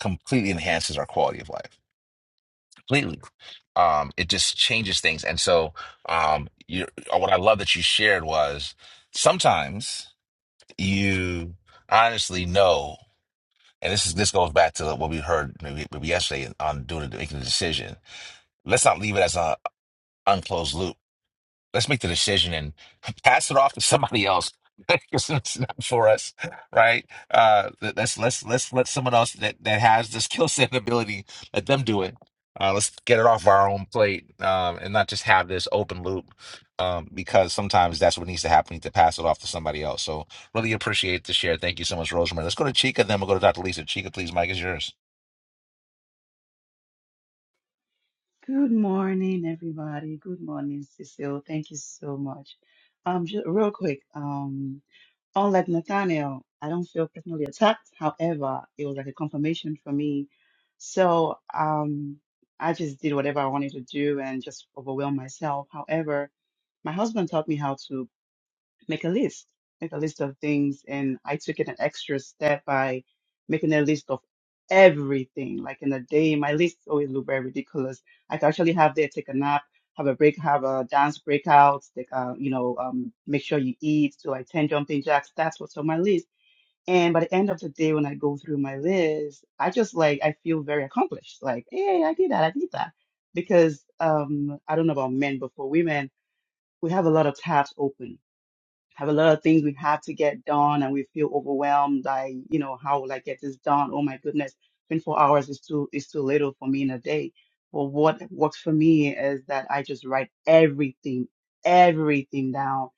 Speaker 1: completely enhances our quality of life. Completely um, it just changes things. And so, um, you, uh, what I love that you shared was sometimes you honestly know, and this is this goes back to what we heard maybe, maybe yesterday on doing making a decision. Let's not leave it as an unclosed loop let's make the decision and pass it off to somebody else because it's not for us right uh let- let's let's let's let someone else that that has the skill set and ability let them do it uh let's get it off our own plate um and not just have this open loop um because sometimes that's what needs to happen We need to pass it off to somebody else so really appreciate the share thank you so much rosemary let's go to chica then we'll go to dr lisa chica please mike is yours
Speaker 11: Good morning, everybody. Good morning, Cecile. Thank you so much. Um, just real quick, um, unlike Nathaniel, I don't feel personally attacked. However, it was like a confirmation for me. So, um, I just did whatever I wanted to do and just overwhelmed myself. However, my husband taught me how to make a list, make a list of things. And I took it an extra step by making a list of everything. Like in a day, my list always look very ridiculous. I could actually have there, take a nap, have a break, have a dance breakout, take a, you know, um, make sure you eat, do like 10 jumping jacks. That's what's on my list. And by the end of the day, when I go through my list, I just like, I feel very accomplished. Like, hey, I did that, I did that. Because um, I don't know about men, but for women, we have a lot of tabs open have a lot of things we have to get done and we feel overwhelmed like you know how will i get this done oh my goodness 24 hours is too is too little for me in a day but what works for me is that i just write everything everything down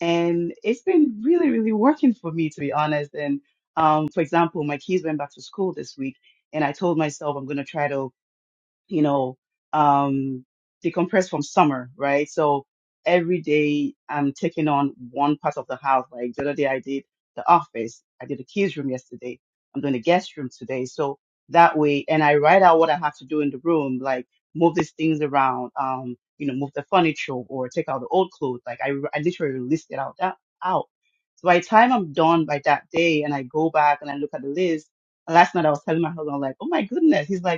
Speaker 11: and it's been really really working for me to be honest and um for example my kids went back to school this week and i told myself i'm going to try to you know, um, decompress from summer, right? So every day I'm taking on one part of the house. Like the other day I did the office, I did the kids room yesterday. I'm doing the guest room today. So that way, and I write out what I have to do in the room, like move these things around, um, you know, move the furniture or take out the old clothes. Like I, I literally list it out that out. So by the time I'm done by that day and I go back and I look at the list, and last night I was telling my husband, like, oh my goodness. He's like,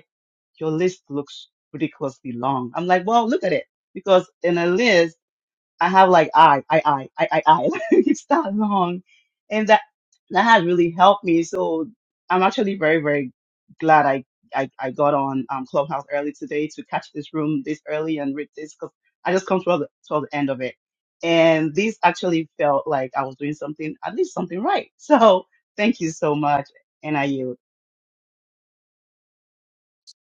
Speaker 11: your list looks ridiculously long. I'm like, well, look at it. Because in a list, I have like I, I, I, I, I, I. it's that long. And that, that has really helped me. So I'm actually very, very glad I, I, I got on um, Clubhouse early today to catch this room this early and read this because I just come to the, toward the end of it. And this actually felt like I was doing something, at least something right. So thank you so much. NIU.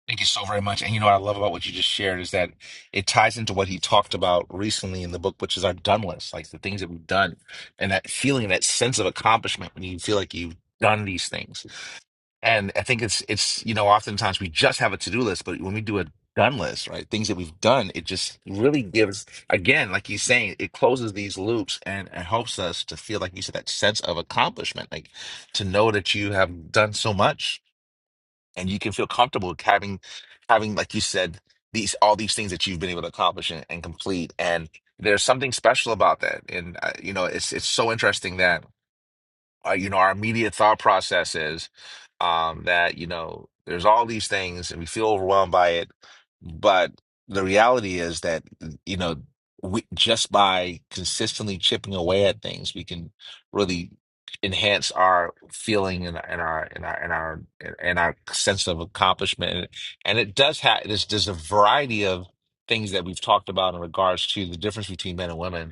Speaker 1: Thank you so very much. And you know what I love about what you just shared is that it ties into what he talked about recently in the book, which is our done list, like the things that we've done, and that feeling, that sense of accomplishment when you feel like you've done these things. And I think it's it's you know oftentimes we just have a to do list, but when we do a done list, right, things that we've done, it just really gives again, like he's saying, it closes these loops and it helps us to feel like you said that sense of accomplishment, like to know that you have done so much and you can feel comfortable having having like you said these all these things that you've been able to accomplish and, and complete and there's something special about that and uh, you know it's it's so interesting that uh, you know, our immediate thought process is um, that, you know, there's all these things and we feel overwhelmed by it. But the reality is that, you know, we, just by consistently chipping away at things, we can really enhance our feeling and, and our and our and our and our sense of accomplishment. And it does have this. there's there's a variety of things that we've talked about in regards to the difference between men and women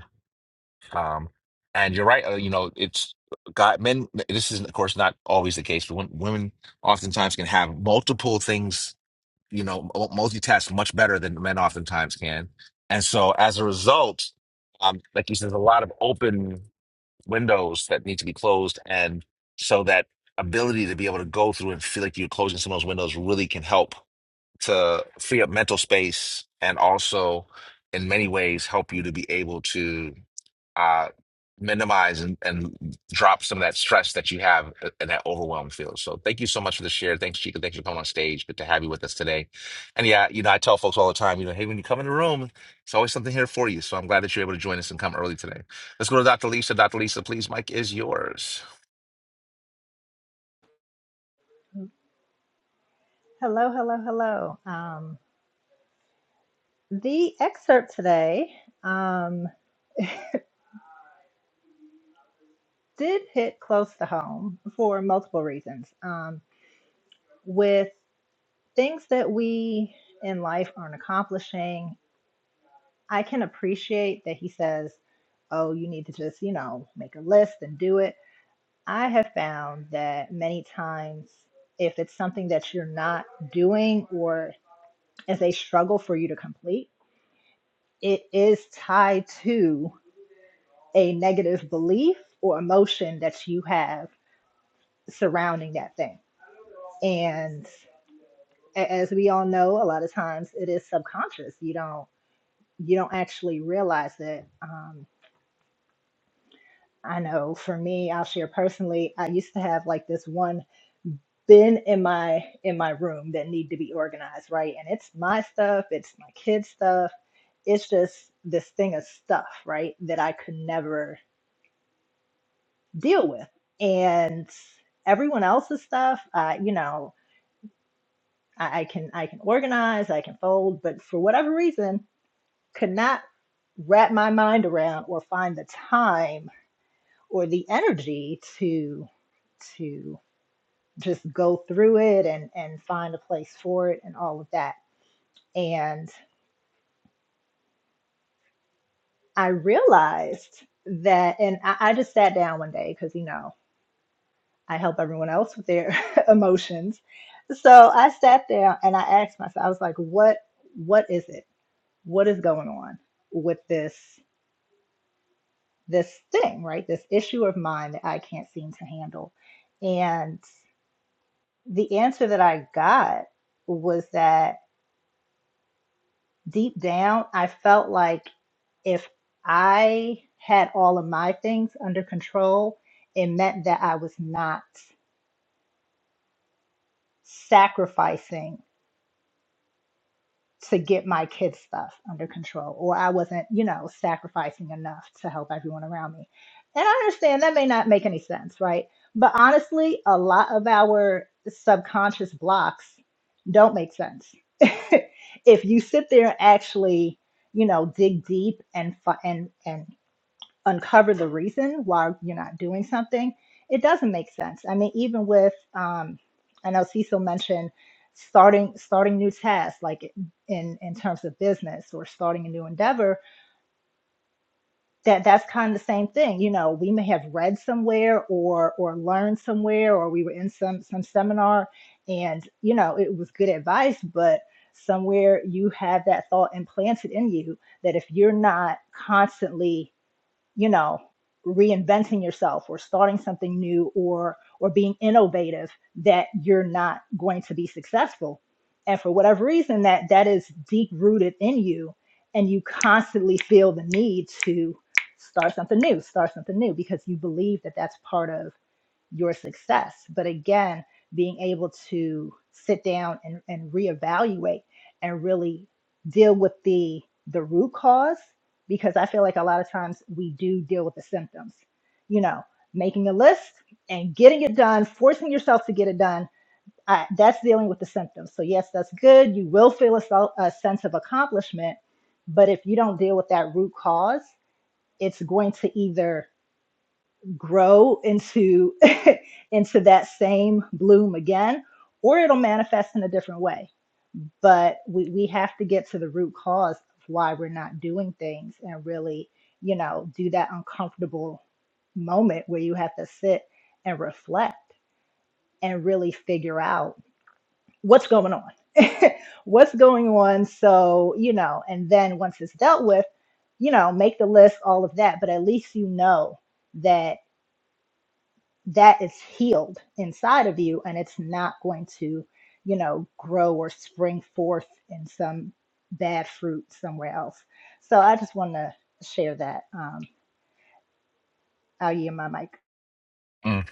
Speaker 1: um, and you're right. Uh, you know, it's got men. This is, of course, not always the case, but when, women oftentimes can have multiple things. You know, mul- multitask much better than men oftentimes can. And so, as a result, um, like you said, there's a lot of open windows that need to be closed, and so that ability to be able to go through and feel like you're closing some of those windows really can help to free up mental space and also in many ways help you to be able to uh, minimize and, and drop some of that stress that you have uh, and that overwhelm feels. So thank you so much for the share. Thanks, Chica. Thanks for coming on stage. Good to have you with us today. And yeah, you know, I tell folks all the time, you know, hey, when you come in the room, it's always something here for you. So I'm glad that you're able to join us and come early today. Let's go to Dr. Lisa. Dr. Lisa, please, Mike is yours.
Speaker 8: Hello, hello, hello. Um, the excerpt today. um, did hit close to home for multiple reasons. Um, with things that we in life aren't accomplishing, I can appreciate that he says, Oh, you need to just, you know, make a list and do it. I have found that many times, if it's something that you're not doing or is a struggle for you to complete, it is tied to a negative belief or emotion that you have surrounding that thing. And a- as we all know, a lot of times it is subconscious. You don't you don't actually realize it. Um, I know for me, I'll share personally. I used to have like this one bin in my in my room that need to be organized, right? And it's my stuff, it's my kids' stuff. It's just this thing of stuff, right, that I could never deal with. And everyone else's stuff, uh, you know, I, I can I can organize, I can fold, but for whatever reason, could not wrap my mind around or find the time or the energy to to just go through it and and find a place for it and all of that and i realized that and i, I just sat down one day because you know i help everyone else with their emotions so i sat down and i asked myself i was like what what is it what is going on with this this thing, right? This issue of mine that I can't seem to handle. And the answer that I got was that deep down, I felt like if I had all of my things under control, it meant that I was not sacrificing to get my kids' stuff under control, or I wasn't, you know, sacrificing enough to help everyone around me. And I understand that may not make any sense, right? But honestly, a lot of our subconscious blocks don't make sense. if you sit there and actually, you know, dig deep and fi- and and uncover the reason why you're not doing something, it doesn't make sense. I mean, even with, um, I know Cecil mentioned starting starting new tasks, like in in terms of business or starting a new endeavor. That that's kind of the same thing. You know, we may have read somewhere or or learned somewhere, or we were in some some seminar, and you know, it was good advice, but somewhere you have that thought implanted in you that if you're not constantly you know reinventing yourself or starting something new or or being innovative that you're not going to be successful and for whatever reason that that is deep rooted in you and you constantly feel the need to start something new start something new because you believe that that's part of your success. But again, being able to sit down and, and reevaluate and really deal with the the root cause, because I feel like a lot of times we do deal with the symptoms. You know, making a list and getting it done, forcing yourself to get it done. I, that's dealing with the symptoms. So yes, that's good. You will feel a, sel- a sense of accomplishment, but if you don't deal with that root cause, it's going to either grow into into that same bloom again or it'll manifest in a different way but we, we have to get to the root cause of why we're not doing things and really you know do that uncomfortable moment where you have to sit and reflect and really figure out what's going on what's going on so you know and then once it's dealt with you know make the list all of that but at least you know that that is healed inside of you and it's not going to you know grow or spring forth in some bad fruit somewhere else so i just want to share that um i'll yield my mic
Speaker 1: Mm,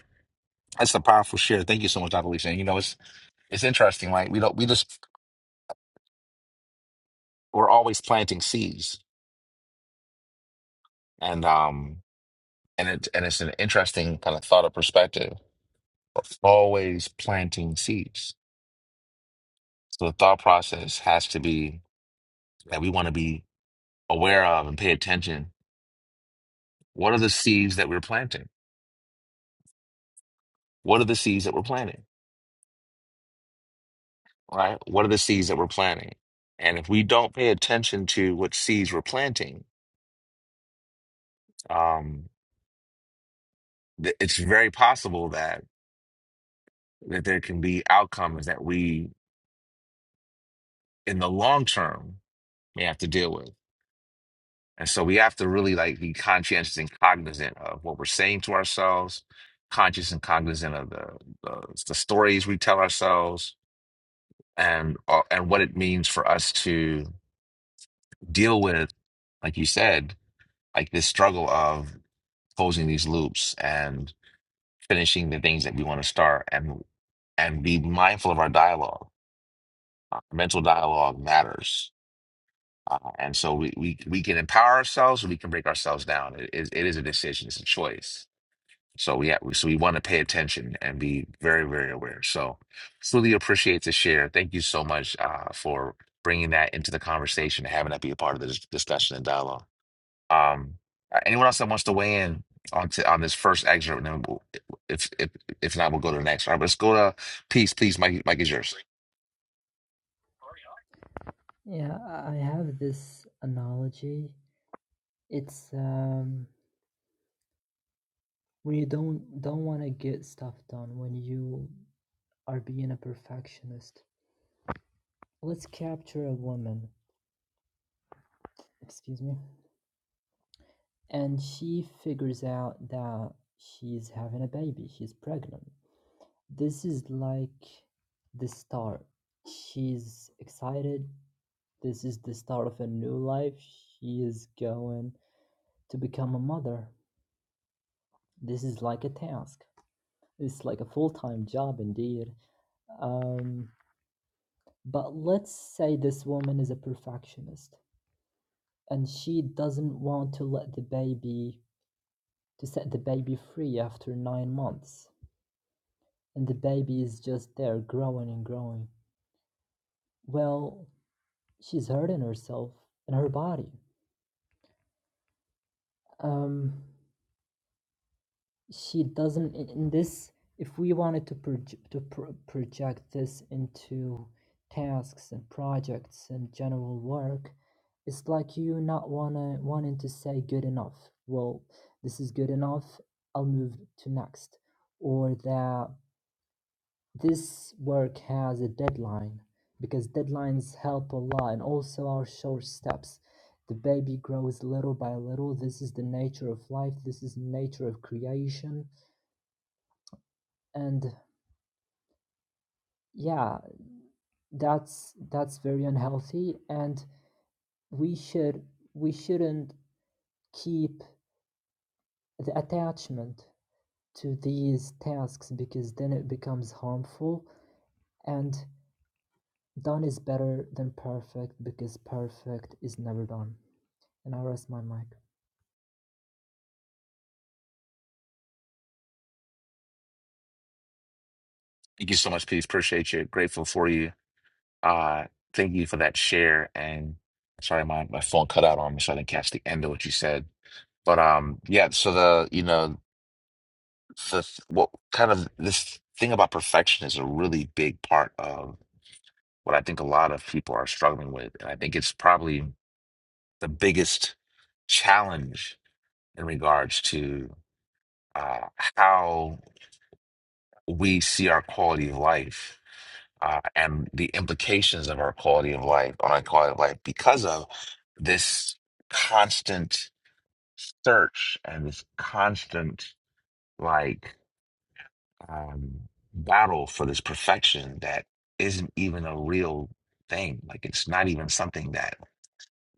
Speaker 1: that's a powerful share. Thank you so much, Dr. Lisa. And you know, it's it's interesting, right? We don't we just we're always planting seeds. And um and it and it's an interesting kind of thought or perspective always planting seeds. So the thought process has to be that we want to be aware of and pay attention. What are the seeds that we're planting? What are the seeds that we're planting? Right? What are the seeds that we're planting? And if we don't pay attention to what seeds we're planting, um, th- it's very possible that that there can be outcomes that we, in the long term, may have to deal with. And so we have to really like be conscientious and cognizant of what we're saying to ourselves, conscious and cognizant of the the, the stories we tell ourselves, and uh, and what it means for us to deal with, like you said, like this struggle of closing these loops and finishing the things that we want to start, and and be mindful of our dialogue. Uh, mental dialogue matters. Uh, and so we, we, we can empower ourselves or we can break ourselves down. It is, it is a decision, it's a choice So yeah, we have, so we want to pay attention and be very, very aware. So truly appreciate the share. Thank you so much uh, for bringing that into the conversation and having that be a part of the dis- discussion and dialogue. Um, uh, anyone else that wants to weigh in on to, on this first excerpt, and then we'll, if if if not, we'll go to the next. All right, let's go to peace. Please, Mike, Mike is yours.
Speaker 5: Yeah, I I have this analogy. It's um when you don't don't want to get stuff done when you are being a perfectionist. Let's capture a woman, excuse me, and she figures out that she's having a baby, she's pregnant This is like the start. She's excited. This is the start of a new life. She is going to become a mother. This is like a task. It's like a full time job indeed. Um, but let's say this woman is a perfectionist and she doesn't want to let the baby to set the baby free after nine months and the baby is just there growing and growing well she's hurting herself and her body. Um, she doesn't in, in this. If we wanted to proj- to pro- project this into tasks and projects and general work, it's like you not wanna wanting to say good enough. Well, this is good enough. I'll move to next, or that This work has a deadline, because deadlines help a lot and also our short steps. The baby grows little by little. This is the nature of life. This is the nature of creation. And yeah, that's that's very unhealthy and we should we shouldn't keep the attachment to these tasks because then it becomes harmful and done is better than perfect because perfect is never done. And I rest my mic.
Speaker 1: Thank you so much, peace. Appreciate you. Grateful for you. Uh, thank you for that share. And sorry, my my phone cut out on me, so I didn't catch the end of what you said But um, yeah, so the, you know, the what kind of this thing about perfection is a really big part of what I think a lot of people are struggling with. And I think it's probably the biggest challenge in regards to uh, how we see our quality of life uh, and the implications of our quality of life on our quality of life because of this constant search and this constant like um, battle for this perfection that isn't even a real thing. Like it's not even something that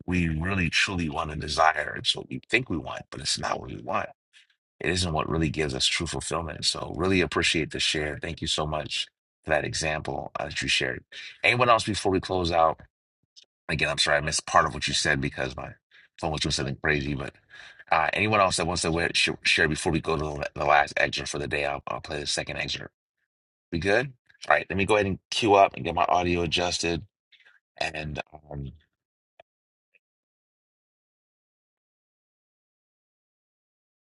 Speaker 1: we really truly want to desire. It's what we think we want, but it's not what we want. It isn't what really gives us true fulfillment. So really appreciate the share. Thank you so much for that example uh, that you shared. Anyone else before we close out? Again, I'm sorry I missed part of what you said because my phone was doing something crazy. But uh, anyone else that wants to wa- sh- share before we go to the the last excerpt for the day, I'll, I'll play the second excerpt. We good? All right, let me go ahead and queue up and get my audio adjusted. And um,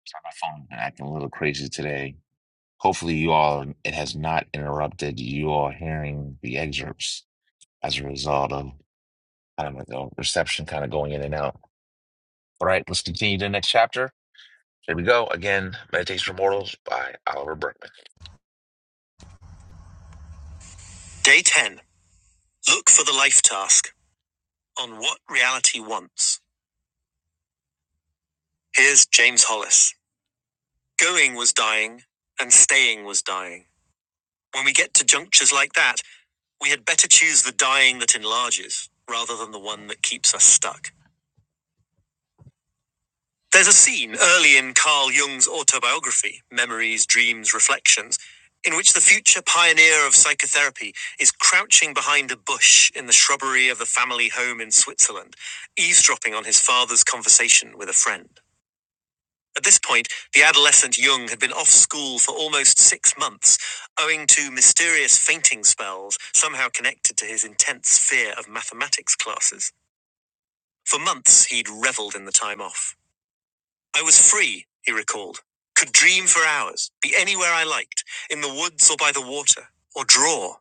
Speaker 1: sorry, my phone been acting a little crazy today. Hopefully, you all it has not interrupted you all hearing the excerpts as a result of I don't know reception kind of going in and out. All right, let's continue to the next chapter. Here we go again. Meditation for Mortals by Oliver Berkman. Day ten. Look for the life task on what reality wants. Here's James Hollis. Going was dying, and staying was dying. When we get to junctures like that, we had better choose the dying that enlarges, rather than the one that keeps us stuck. There's a scene early in Carl Jung's autobiography, Memories, Dreams, Reflections, in which the future pioneer of psychotherapy is crouching behind a bush in the shrubbery of the family home in Switzerland, eavesdropping on his father's conversation with a friend. At this point, the adolescent Jung had been off school for almost six months, owing to mysterious fainting spells somehow connected to his intense fear of mathematics classes. For months, he'd reveled in the time off. I was free, he recalled. Could dream for hours, be anywhere I liked, in the woods or by the water, or draw.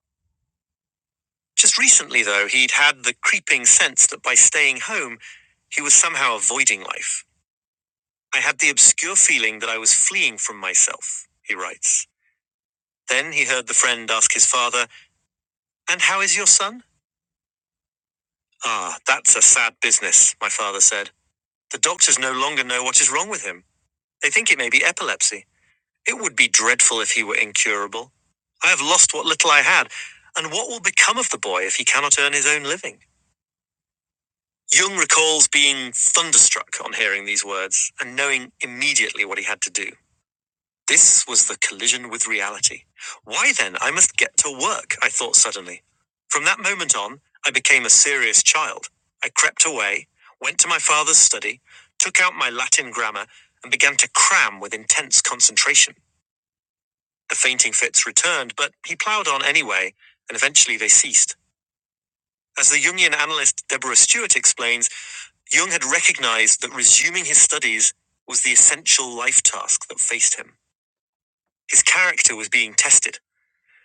Speaker 1: Just recently, though, he'd had the creeping sense that by staying home, he was somehow avoiding life. I had the obscure feeling that I was fleeing from myself, he writes. Then he heard the friend ask his father, And how is your son? Ah, that's a sad business, my father said. The doctors no longer know what is wrong with him. They think it may be epilepsy. It would be dreadful if he were incurable. I have lost what little I had, and what will become of the boy if he cannot earn his own living? Jung recalls being thunderstruck on hearing these words and knowing immediately what he had to do. This was the collision with reality. Why then, I must get to work, I thought suddenly. From that moment on, I became a serious child. I crept away, went to my father's study, took out my Latin grammar, and began to cram with intense concentration. The fainting fits returned, but he ploughed on anyway, and eventually they ceased. As the Jungian analyst Deborah Stewart explains, Jung had recognized that resuming his studies was the essential life task that faced him. His character was being tested.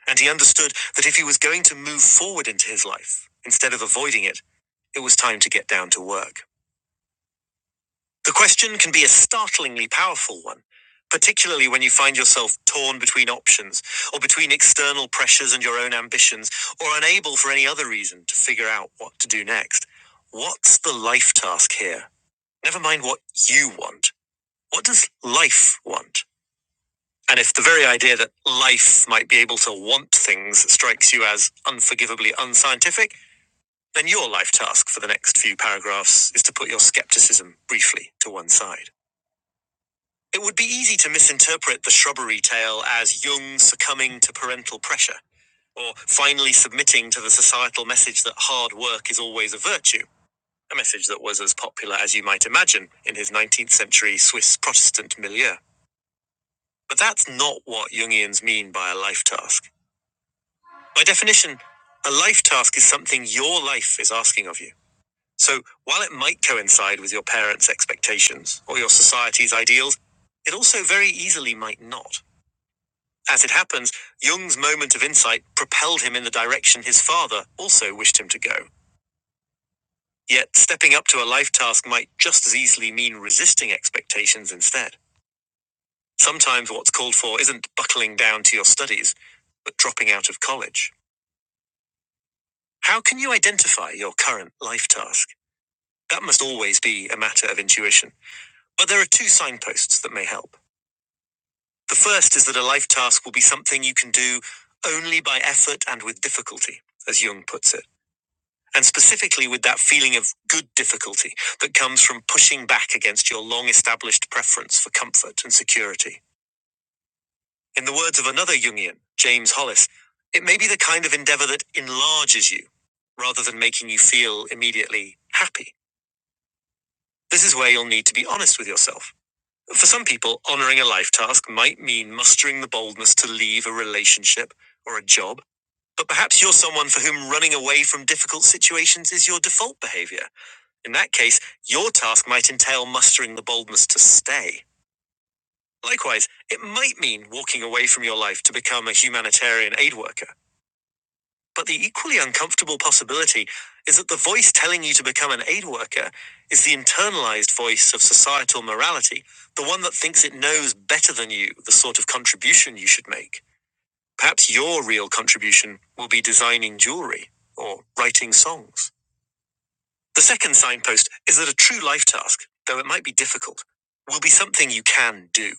Speaker 1: And he understood that if he was going to move forward into his life, instead of avoiding it, it was time to get down to work. The question can be a startlingly powerful one, particularly when you find yourself torn between options, or between external pressures and your own ambitions, or unable for any other reason to figure out what to do next. What's the life task here? Never mind what you want. What does life want? And if the very idea that life might be able to want things strikes you as unforgivably unscientific, then your life task for the next few paragraphs is to put your skepticism briefly to one side. It would be easy to misinterpret the shrubbery tale as Jung succumbing to parental pressure, or finally submitting to the societal message that hard work is always a virtue, a message that was as popular as you might imagine in his 19th century Swiss Protestant milieu. But that's not what Jungians mean by a life task. By definition, a life task is something your life is asking of you. So while it might coincide with your parents' expectations or your society's ideals, it also very easily might not. As it happens, Jung's moment of insight propelled him in the direction his father also wished him to go. Yet stepping up to a life task might just as easily mean resisting expectations instead. Sometimes what's called for isn't buckling down to your studies, but dropping out of college. How can you identify your current life task? That must always be a matter of intuition. But there are two signposts that may help. The first is that a life task will be something you can do only by effort and with difficulty, as Jung puts it. And specifically with that feeling of good difficulty that comes from pushing back against your long established preference for comfort and security. In the words of another Jungian, James Hollis, it may be the kind of endeavor that enlarges you rather than making you feel immediately happy. This is where you'll need to be honest with yourself. For some people, honoring a life task might mean mustering the boldness to leave a relationship or a job. But perhaps you're someone for whom running away from difficult situations is your default behavior. In that case, your task might entail mustering the boldness to stay. Likewise, it might mean walking away from your life to become a humanitarian aid worker. But the equally uncomfortable possibility is that the voice telling you to become an aid worker is the internalized voice of societal morality, the one that thinks it knows better than you the sort of contribution you should make. Perhaps your real contribution will be designing jewelry or writing songs. The second signpost is that a true life task, though it might be difficult, will be something you can do.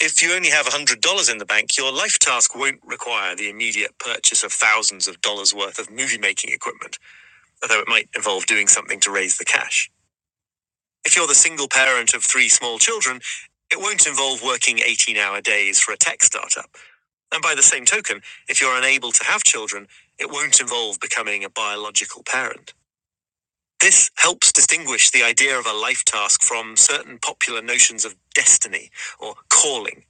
Speaker 1: If you only have $100 in the bank, your life task won't require the immediate purchase of thousands of dollars worth of movie making equipment although it might involve doing something to raise the cash. If you're the single parent of three small children, it won't involve working 18 hour days for a tech startup. And by the same token, if you're unable to have children, it won't involve becoming a biological parent. This helps distinguish the idea of a life task from certain popular notions of destiny or calling,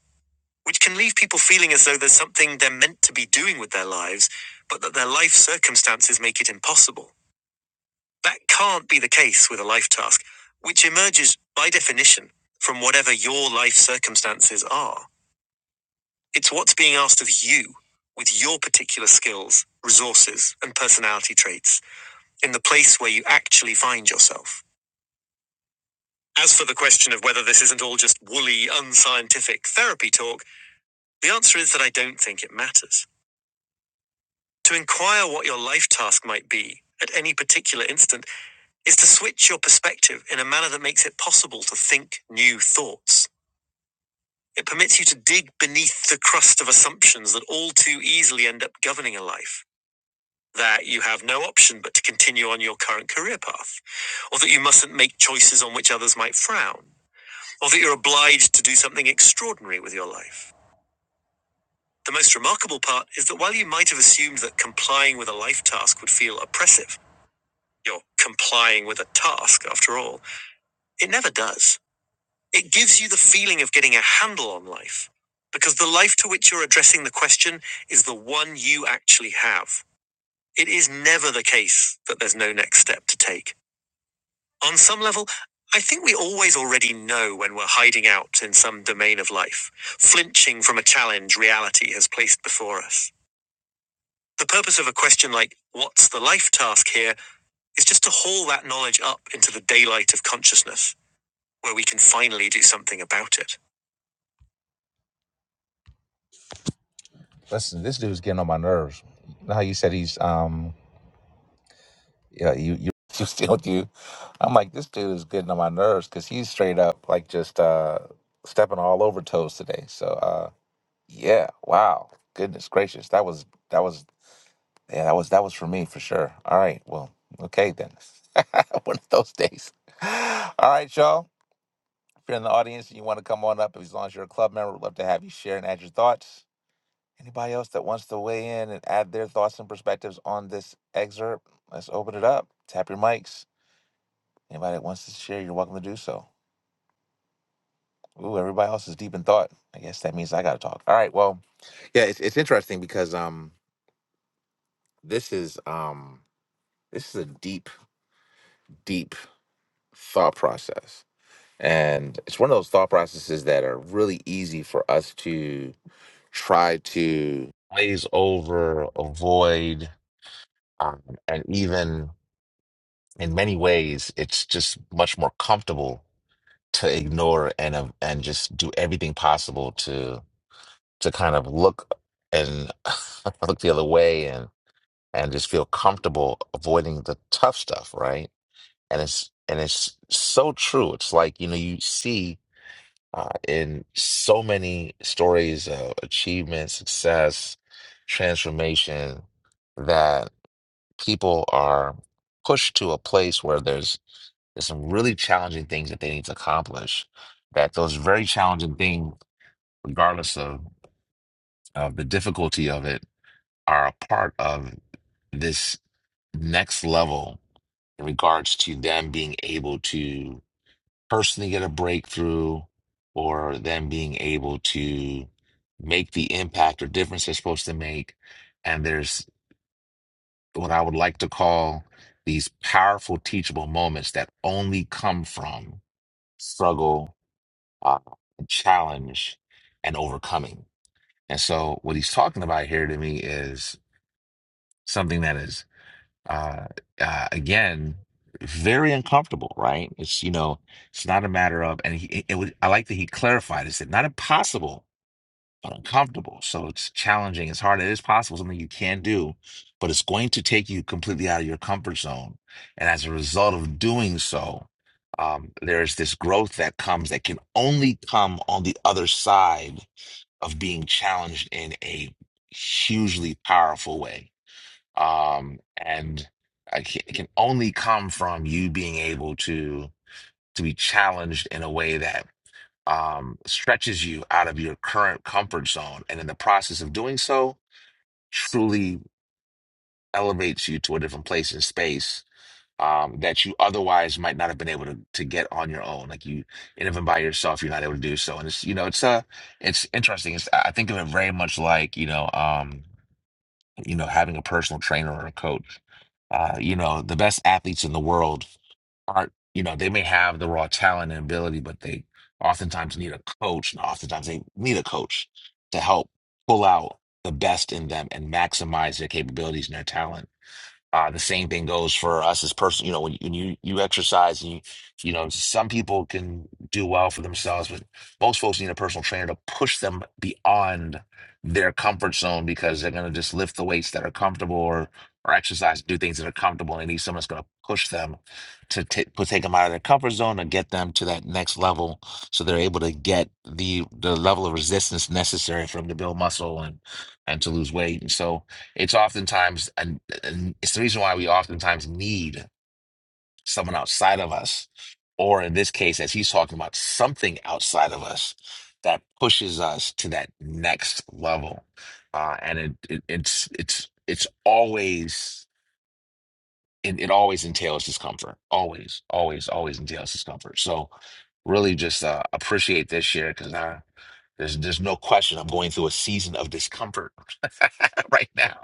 Speaker 1: which can leave people feeling as though there's something they're meant to be doing with their lives, but that their life circumstances make it impossible. That can't be the case with a life task, which emerges by definition from whatever your life circumstances are. It's what's being asked of you with your particular skills, resources, and personality traits in the place where you actually find yourself. As for the question of whether this isn't all just woolly, unscientific therapy talk, the answer is that I don't think it matters. To inquire what your life task might be at any particular instant is to switch your perspective in a manner that makes it possible to think new thoughts. It permits you to dig beneath the crust of assumptions that all too easily end up governing a life. That you have no option but to continue on your current career path, or that you mustn't make choices on which others might frown, or that you're obliged to do something extraordinary with your life. The most remarkable part is that while you might have assumed that complying with a life task would feel oppressive, you're complying with a task after all, it never does. It gives you the feeling of getting a handle on life, because the life to which you're addressing the question is the one you actually have. It is never the case that there's no next step to take. On some level, I think we always already know when we're hiding out in some domain of life, flinching from a challenge reality has placed before us. The purpose of a question like, What's the life task here? is just to haul that knowledge up into the daylight of consciousness, where we can finally do something about it. Listen, this dude's getting on my nerves. You know how you said he's um yeah, you you you still do. I'm like, this dude is getting on my nerves because he's straight up like just uh stepping all over toes today. So uh yeah, wow. Goodness gracious. That was that was yeah, that was that was for me for sure. All right, well, okay then. One of those days. All right, y'all. If you're in the audience and you want to come on up, as long as you're a club member, we'd love to have you share and add your thoughts. Anybody else that wants to weigh in and add their thoughts and perspectives on this excerpt? Let's open it up. Tap your mics. Anybody that wants to share, you're welcome to do so. Ooh, everybody else is deep in thought. I guess that means I got to talk. All right. Well, yeah, it's it's interesting because um this is um this is a deep deep thought process. And it's one of those thought processes that are really easy for us to try to glaze over, avoid, um, and even in many ways, it's just much more comfortable to ignore and uh, and just do everything possible to to kind of look and look the other way and and just feel comfortable avoiding the tough stuff, right? And it's and it's so true. It's like you know you see uh, in so many stories of achievement, success, transformation that people are pushed to a place where there's there's some really challenging things that they need to accomplish. That those very challenging things, regardless of, of the difficulty of it, are a part of this next level in regards to them being able to personally get a breakthrough or them being able to make the impact or difference they're supposed to make. And there's what I would like to call these powerful teachable moments that only come from struggle uh, challenge and overcoming. And so, what he's talking about here to me is something that is, uh, uh, again, very uncomfortable, right? It's, you know, it's not a matter of, and he, it, it was, I like that he clarified, It said, not impossible, but uncomfortable. So it's challenging. It's hard. It is possible, something you can do, but it's going to take you completely out of your comfort zone. And as a result of doing so, um, there is this growth that comes that can only come on the other side of being challenged in a hugely powerful way. Um, and I ca- it can only come from you being able to to be challenged in a way that um, stretches you out of your current comfort zone. And in the process of doing so, truly elevates you to a different place in space um, that you otherwise might not have been able to, to get on your own. Like you, and even by yourself, you're not able to do so. And it's, you know, it's uh it's interesting. It's, I think of it very much like, you know, um, you know, having a personal trainer or a coach. Uh, you know, the best athletes in the world aren't, you know, they may have the raw talent and ability, but they oftentimes need a coach. And oftentimes they need a coach to help pull out the best in them and maximize their capabilities and their talent uh, the same thing goes for us as person. You know, when you, when you you exercise, and you you know, some people can do well for themselves, but most folks need a personal trainer to push them beyond their comfort zone because they're going to just lift the weights that are comfortable or or exercise, do things that are comfortable. And they need someone that's going to push them to t- put take them out of their comfort zone and get them to that next level, so they're able to get the the level of resistance necessary for them to build muscle and and to lose weight. And so it's oftentimes, and, it's the reason why we oftentimes need someone outside of us, or in this case, as he's talking about, something outside of us that pushes us to that next level. Uh, and it, it, it's it's it's always it, it always entails discomfort. Always, always, always entails discomfort. So really just uh, appreciate this year because I there's there's no question I'm going through a season of discomfort right now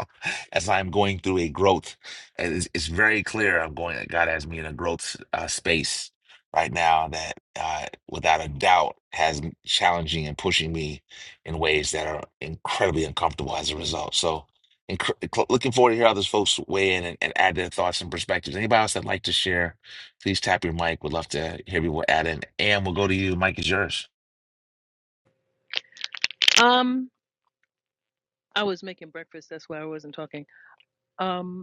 Speaker 1: as I'm going through a growth. And It's, it's very clear I'm going that God has me in a growth uh, space right now that uh, without a doubt has me challenging and pushing me in ways that are incredibly uncomfortable as a result. So and cr- cl- looking forward to hear how those folks weigh in and, and add their thoughts and perspectives. Anybody else that'd like to share, please tap your mic. Would love to hear people add in. And we'll go to you. Mike is yours.
Speaker 7: Um, I was making breakfast. That's why I wasn't talking. Um.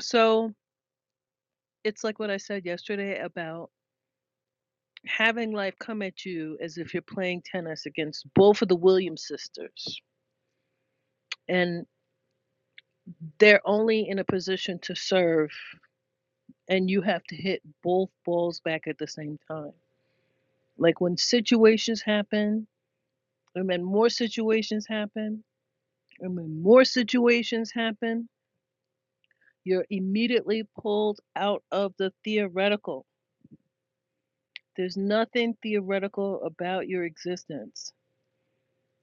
Speaker 7: So it's like what I said yesterday about having life come at you as if you're playing tennis against both of the Williams sisters. And they're only in a position to serve, and you have to hit both balls back at the same time. Like when situations happen, and then more situations happen, and when more situations happen, you're immediately pulled out of the theoretical. There's nothing theoretical about your existence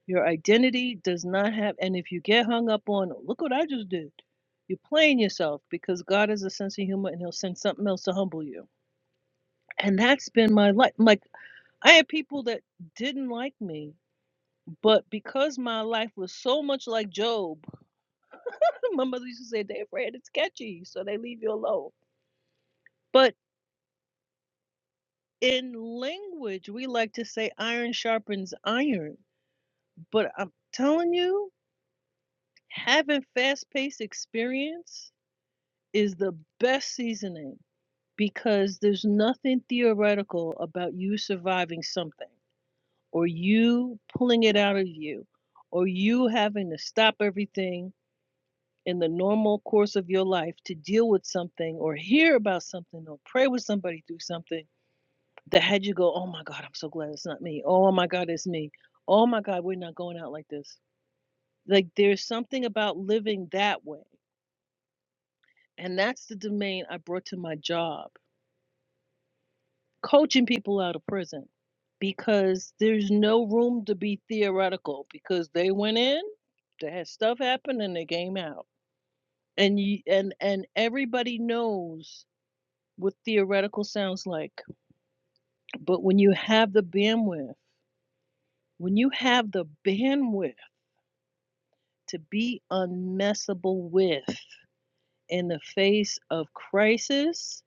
Speaker 7: Your identity does not have, and if you get hung up on, look what I just did, you're playing yourself because God has a sense of humor and He'll send something else to humble you. And that's been my life. Like, I had people that didn't like me, but because my life was so much like Job, my mother used to say, they're afraid it's catchy, so they leave you alone. But in language, we like to say iron sharpens iron. But I'm telling you, having fast paced experience is the best seasoning because there's nothing theoretical about you surviving something or you pulling it out of you or you having to stop everything in the normal course of your life to deal with something or hear about something or pray with somebody through something that had you go, oh my God, I'm so glad it's not me. Oh my God, it's me. Oh my God, we're not going out like this. Like there's something about living that way. And that's the domain I brought to my job coaching people out of prison because there's no room to be theoretical because they went in, they had stuff happen, and they came out. And you and and everybody knows what theoretical sounds like. But when you have the bandwidth, when you have the bandwidth to be unmessable with in the face of crisis,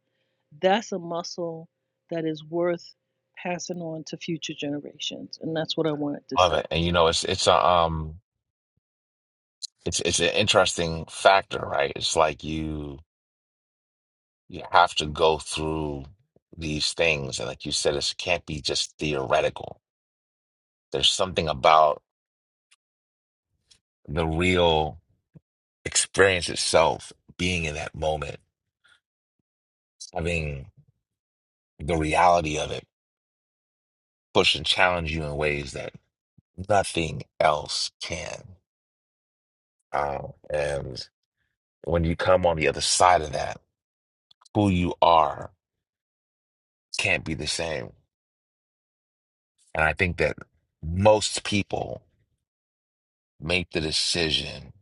Speaker 7: that's a muscle that is worth passing on to future generations. And that's what I wanted to
Speaker 1: Love
Speaker 7: say.
Speaker 1: it. And you know, it's it's a um it's it's an interesting factor, right? It's like you you have to go through these things. And like you said, it can't be just theoretical. There's something about the real experience itself, being in that moment, having the reality of it push and challenge you in ways that nothing else can. Uh, and when you come on the other side of that, who you are can't be the same. And I think that most people make the decision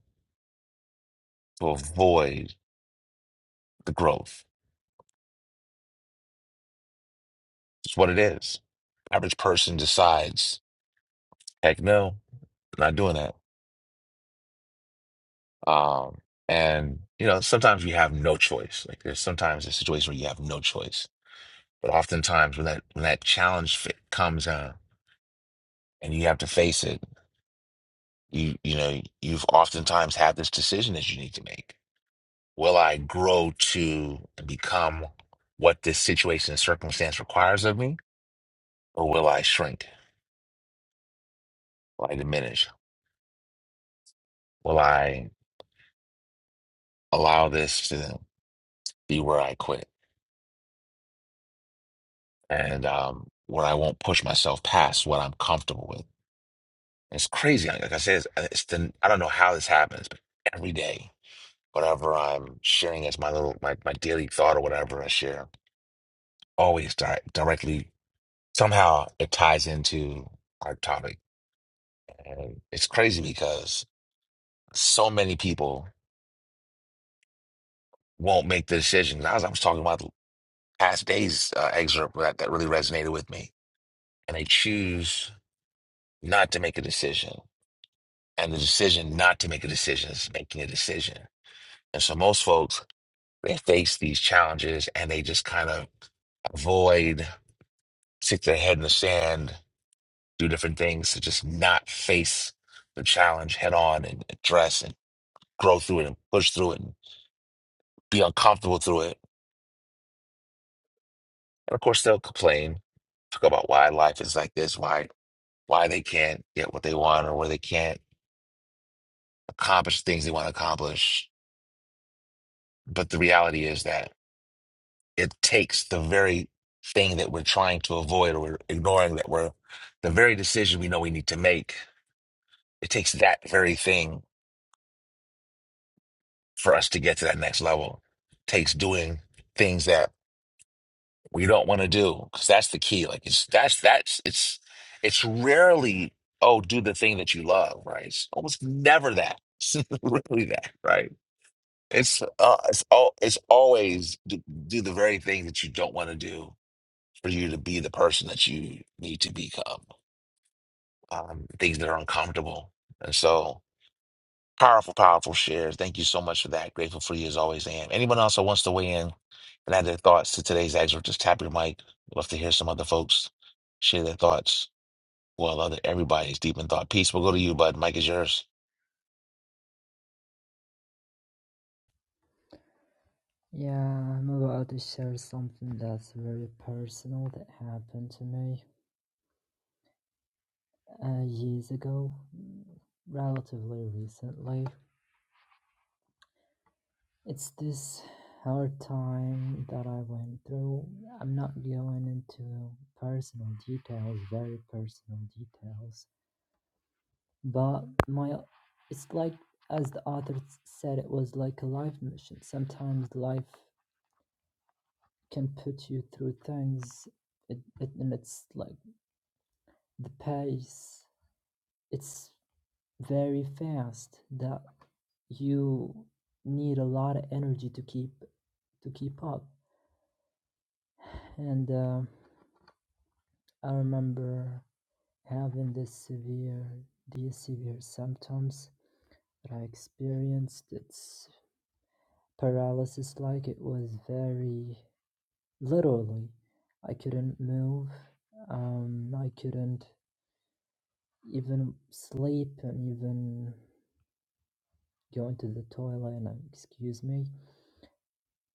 Speaker 1: to avoid the growth. It's what it is. Average person decides, heck no, I'm not doing that. Um, and you know, sometimes you have no choice. Like there's sometimes a situation where you have no choice But oftentimes, when that when that challenge fit comes out and you have to face it, you you know you've oftentimes had this decision that you need to make: Will I grow to become what this situation and circumstance requires of me, or will I shrink? Will I diminish? Will I allow this to be where I quit and um, where I won't push myself past what I'm comfortable with? It's crazy. Like I said, it's, it's the, I don't know how this happens, but every day. whatever I'm sharing as my little my, my daily thought or whatever I share always di- directly somehow it ties into our topic. And it's crazy because so many people won't make the decision. I was, I was talking about the past days uh, excerpt that, that really resonated with me. And they choose not to make a decision. And the decision not to make a decision is making a decision. And so most folks, they face these challenges and they just kind of avoid, stick their head in the sand do different things to just not face the challenge head on and address and grow through it and push through it and be uncomfortable through it. And of course, they'll complain, talk about why life is like this, why why they can't get what they want or where they can't accomplish things they want to accomplish. But the reality is that it takes the very thing that we're trying to avoid or we're ignoring that we're the very decision we know we need to make. It takes that very thing for us to get to that next level takes doing things that we don't want to do because that's the key like it's that's that's it's it's rarely oh do the thing that you love right it's almost never that it's really that right it's uh it's all it's always do, do the very thing that you don't want to do for you to be the person that you need to become um things that are uncomfortable and so Powerful, powerful shares. Thank you so much for that. Grateful for you as always, am. Anyone else that wants to weigh in and add their thoughts to today's excerpt, just tap your mic. Love to hear some other folks share their thoughts. Well, other everybody's deep in thought. Peace. We'll go to you, bud. Mike is yours.
Speaker 5: Yeah, I'm about to share something that's very personal that happened to me uh, years ago, mm, relatively recently. It's this hard time that I went through. I'm not going into personal details, very personal details, but my it's like as the author said, it was like a life mission. Sometimes life can put you through things it, it and it's like the pace it's very fast that you need a lot of energy to keep to keep up and uh, i remember having this severe these severe symptoms that i experienced it's paralysis like it was very literally i couldn't move um, i couldn't even sleep and even going to the toilet and uh, excuse me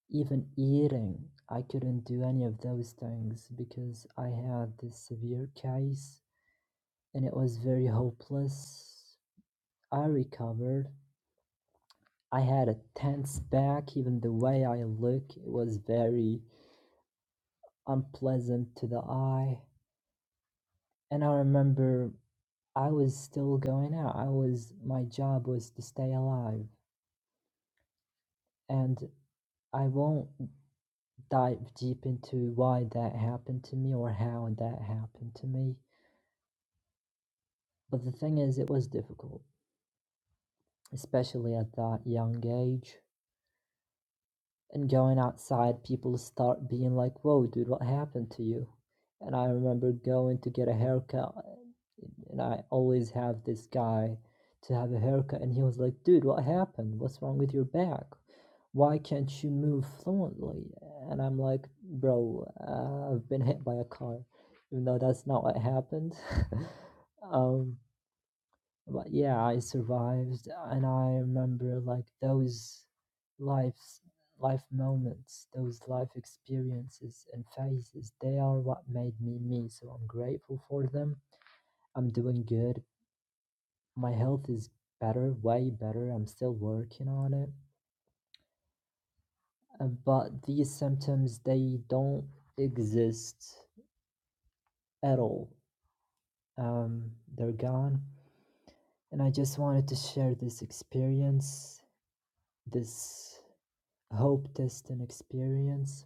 Speaker 5: Even eating, I couldn't do any of those things because I had this severe case and it was very hopeless. I recovered. I had a tense back, even the way I look, it was very unpleasant to the eye. And I remember I was still going out. I was, my job was to stay alive. And I won't dive deep into why that happened to me or how that happened to me But the thing is, it was difficult, especially at that young age. And going outside, people start being like, Whoa, dude, what happened to you? And I remember going to get a haircut, and I always have this guy to have a haircut, and he was like, Dude, what happened? What's wrong with your back? Why can't you move fluently? And I'm like, Bro, uh, I've been hit by a car, even though that's not what happened. um, like yeah i survived and i remember like those lives life moments those life experiences and phases they are what made me me so i'm grateful for them i'm doing good my health is better way better i'm still working on it Uh, but these symptoms they don't exist at all um, they're gone and i just wanted to share this experience this Hope test an experience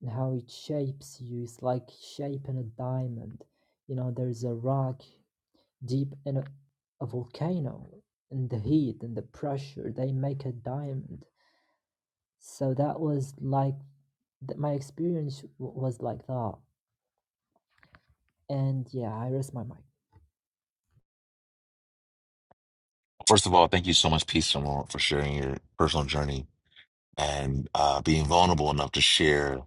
Speaker 5: and how it shapes you is like shaping a diamond. You know, there's a rock deep in a, a volcano, and the heat and the pressure they make a diamond. So that was like th- my experience w- was like that. And yeah, I rest my mic.
Speaker 1: First of all, thank you so much, Peace, Simone, for sharing your personal journey and uh, being vulnerable enough to share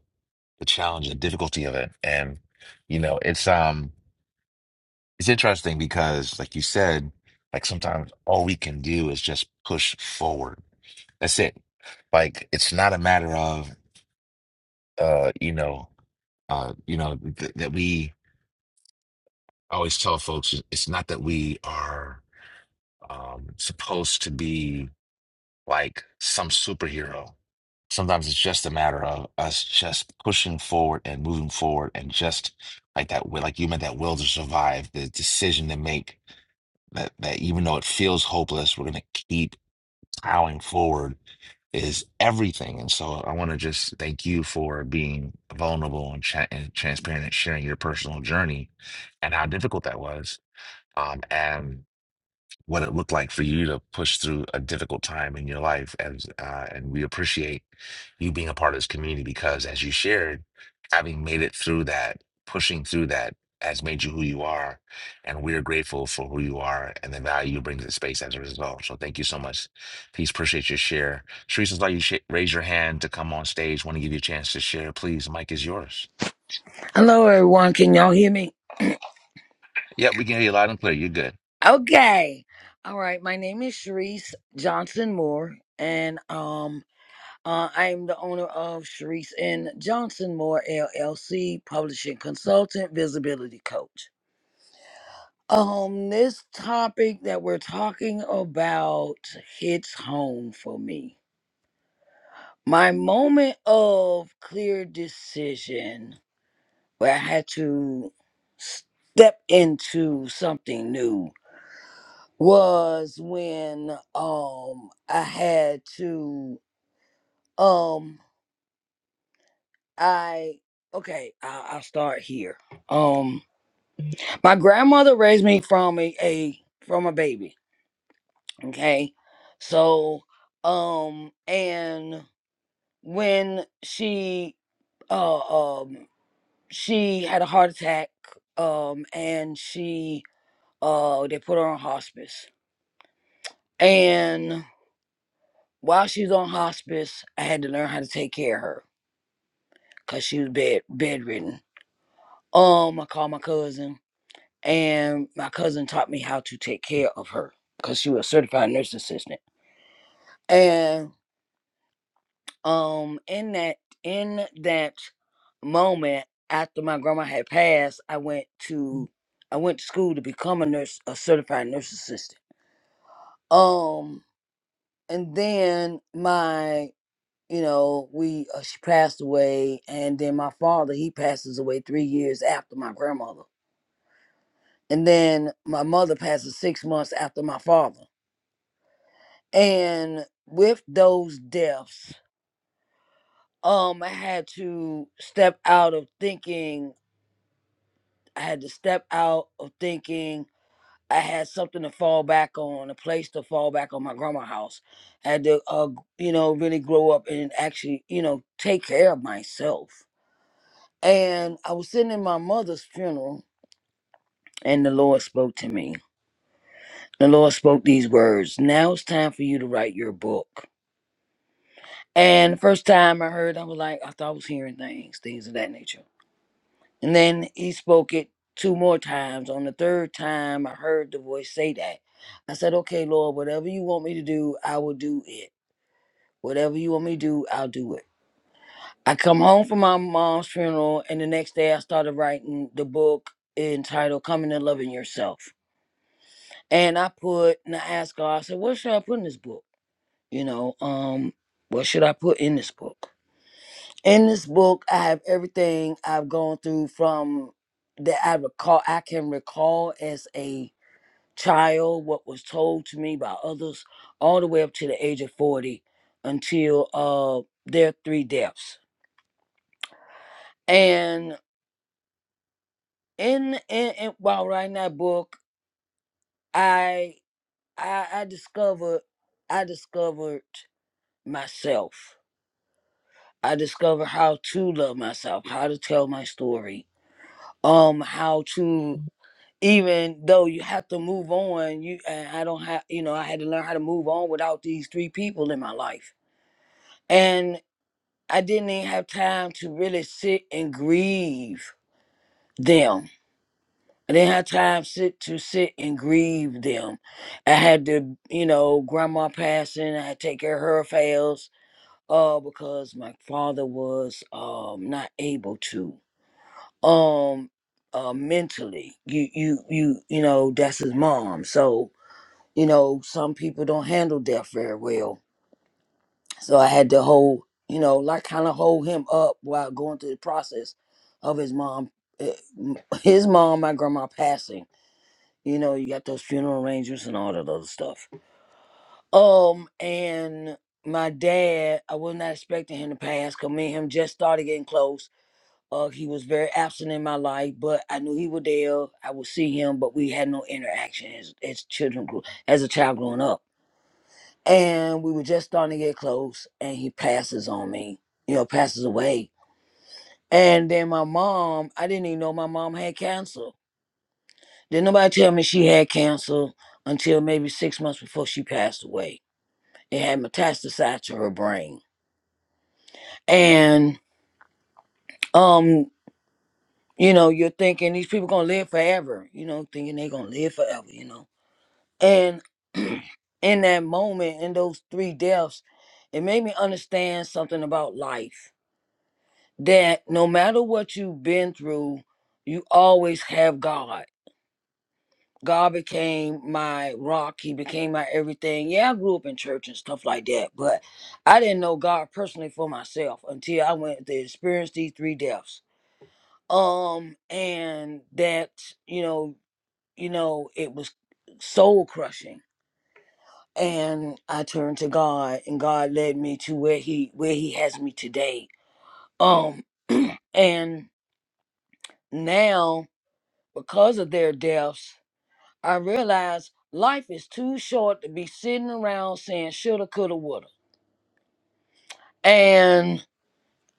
Speaker 1: the challenge and difficulty of it. And you know, it's um, it's interesting because, like you said, like sometimes all we can do is just push forward That's it. Like it's not a matter of uh, you know, uh, you know, th that we I always tell folks it- it's not that we are um supposed to be like some superhero. Sometimes it's just a matter of us just pushing forward and moving forward and just like that will like you meant that will to survive, the decision to make that that even though it feels hopeless, we're gonna keep plowing forward is everything. And so I want to just thank you for being vulnerable and, tra- and transparent and sharing your personal journey and how difficult that was. Um, and what it looked like for you to push through a difficult time in your life as uh, and we appreciate you being a part of this community because as you shared having made it through that pushing through that has made you who you are and we're grateful for who you are and the value you bring to the space as a result so thank you so much please appreciate your share Sharice, like you sh- raise your hand to come on stage want to give you a chance to share please mic is yours
Speaker 12: Hello, everyone. Can y'all hear me?
Speaker 1: yep we can hear you loud and clear you're good
Speaker 12: Okay. All right. My name is Sharice Johnson Moore, and um, uh, I am the owner of Sharice and Johnson Moore LLC, publishing consultant, visibility coach. Um, this topic that we're talking about hits home for me. My moment of clear decision where I had to step into something new was when um I had to um I okay I, I'll start here. Um, my grandmother raised me from a, a from a baby. Okay, so um and when she uh um she had a heart attack um and she uh they put her on hospice and while she's on hospice I had to learn how to take care of her because she was bed bedridden. Um, I called my cousin, and my cousin taught me how to take care of her because she was a certified nurse assistant. And um, in that in that moment after my grandma had passed, I went to I went to school to become a nurse, a certified nurse assistant. Um, and then my you know we uh, she passed away, and then my father he passes away three years after my grandmother and then my mother passes six months after my father. And with those deaths, um, I had to step out of thinking. I had to step out of thinking. I had something to fall back on, a place to fall back on. My grandma house. I had to, uh, you know, really grow up and actually, you know, take care of myself. And I was sitting in my mother's funeral, and the Lord spoke to me. The Lord spoke these words. Now it's time for you to write your book And the first time I heard, I was like, I thought I was hearing things, things of that nature. And then he spoke it two more times. On the third time, I heard the voice say that. I said, Okay, Lord, whatever you want me to do, I will do it. Whatever you want me to do, I'll do it. I come home from my mom's funeral, and the next day I started writing the book entitled Coming and Loving Yourself. And I put, and I asked God, I said, What should I put in this book? You know, um, what should I put in this book? in this book i have everything i've gone through from that i recall i can recall as a child what was told to me by others all the way up to the age of 40 until uh their three deaths and in, in, in while writing that book i i i discovered i discovered myself i discovered how to love myself how to tell my story um how to even though you have to move on you and i don't have you know i had to learn how to move on without these three people in my life and i didn't even have time to really sit and grieve them i didn't have time sit to sit and grieve them i had to you know grandma passing i had to take care of her affairs uh because my father was um not able to um uh mentally you you you you know that's his mom so you know, some people don't handle death very well. So I had to hold, you know, like kind of hold him up while going through the process of his mom, eh, m- his mom, my grandma passing. You know, you got those funeral arrangements and all that other stuff. Um, and my dad, I was not expecting him to pass because me and him just started getting close. Uh, he was very absent in my life, but I knew he was there. I would see him, but we had no interaction as, as children grew, as a child growing up. and we were just starting to get close and he passes on me you know passes away and then my mom i didn't even know my mom had cancer didn't nobody tell me she had cancer until maybe six months before she passed away it had metastasized to her brain and um you know you're thinking these people gonna live forever you know thinking they gonna live forever you know and in that moment in those three deaths it made me understand something about life that no matter what you've been through, you always have God. God became my rock. He became my everything. Yeah, I grew up in church and stuff like that, but I didn't know God personally for myself until I went to experience these three deaths. Um, and that you know, you know, it was soul crushing. And I turned to God, and God led me to where He where He has me today. Um, and now Because of their deaths, I realized life is too short to be sitting around saying shoulda, coulda, woulda. And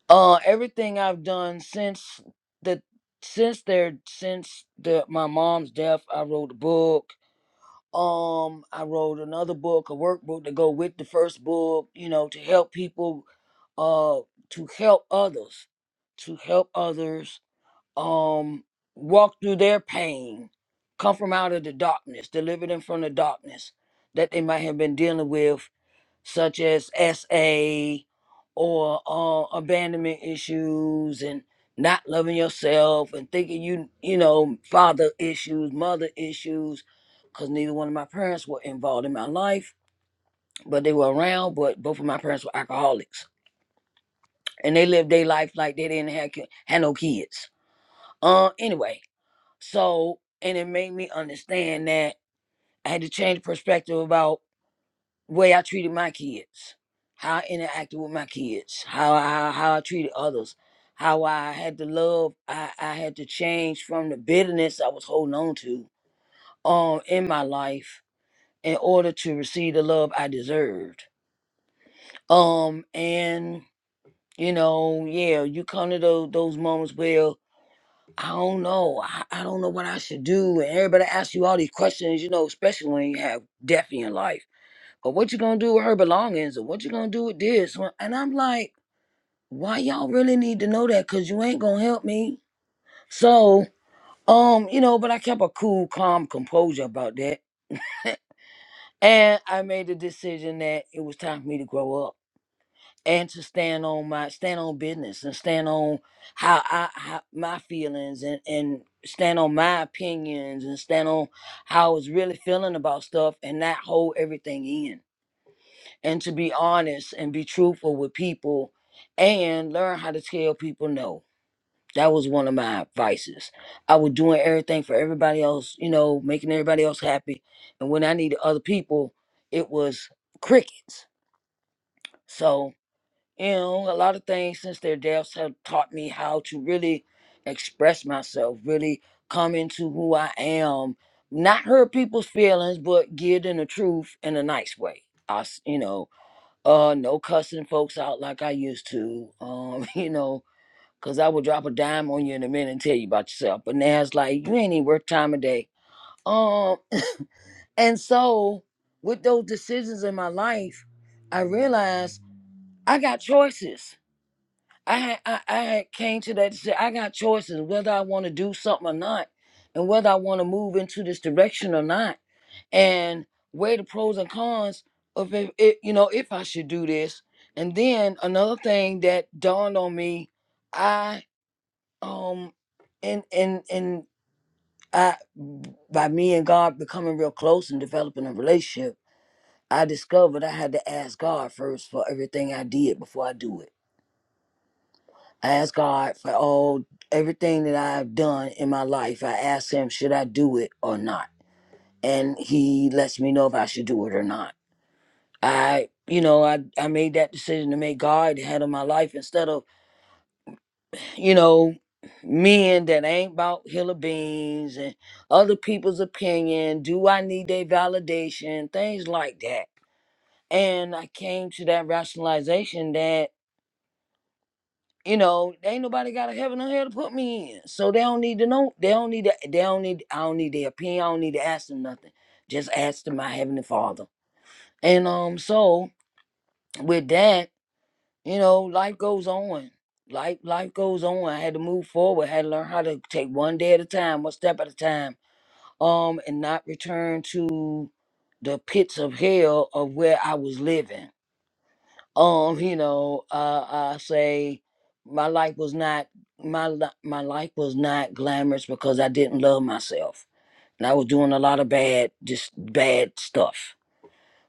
Speaker 12: uh, everything I've done since the since their since the my mom's death, I wrote a book. Um, I wrote another book, a workbook to go with the first book. You know, to help people, uh, to help others, to help others um walk through their pain come from out of the darkness deliver them from the darkness that they might have been dealing with such as sa or uh, abandonment issues and not loving yourself and thinking you you know father issues mother issues because neither one of my parents were involved in my life but they were around but both of my parents were alcoholics and they lived their life like they didn't have, ki- had no kids uh anyway so, and it made me understand that I had to change perspective about the way I treated my kids, how I interacted with my kids, how I, how I treated others, how I had to love. I, I had to change from the bitterness I was holding on to um in my life in order to receive the love I deserved. Um and you know, yeah, you come to those those moments where I don't know. I, I don't know what I should do. And everybody asks you all these questions, you know, especially when you have death in your life. But what you gonna do with her belongings or what you gonna do with this? Well, And I'm like, why y'all really need to know that? Cause you ain't gonna help me. So, um, you know, but I kept a cool, calm composure about that. And I made the decision that it was time for me to grow up and to stand on my stand on business and stand on how I how my feelings and and stand on my opinions and stand on how I was really feeling about stuff and not hold everything in and to be honest and be truthful with people and learn how to tell people no. That was one of my vices. I was doing everything for everybody else, you know, making everybody else happy. And when I needed other people, it was crickets. So you know, a lot of things since their deaths have taught me how to really express myself, really come into who I am, not hurt people's feelings, but give them the truth in a nice way. I, s- you know, uh, no cussing folks out like I used to. Um, you know, cause I would drop a dime on you in a minute and tell you about yourself. But now it's like you ain't even worth time of day. Um, and so with those decisions in my life, I realized I got choices I had- I, I had came to that decision. I got choices whether I want to do something or not, and whether I want to move into this direction or not, and weigh the pros and cons of if it, you know if I should do this. And then another thing that dawned on me, I um, and and and I by me and God becoming real close and developing a relationship, I discovered I had to ask God first for everything I did before I do it I ask God for all everything that I've done in my life. I ask Him, should I do it or not? And He lets me know if I should do it or not. I, you know, I I made that decision to make God the head of my life instead of, you know, men that ain't about hill of beans and other people's opinion. Do I need their validation? Things like that. And I came to that rationalization that. You know, they ain't nobody got a heaven or hell to put me in. So they don't need to know. They don't need to, they don't need I don't need their opinion. I don't need to ask them nothing. Just ask them my heavenly father. And um so with that, you know, life goes on. Life life goes on. I had to move forward, had to learn how to take one day at a time, one step at a time, um, and not return to the pits of hell of where I was living um you know uh i say my life was not my li- my life was not glamorous because i didn't love myself and i was doing a lot of bad just bad stuff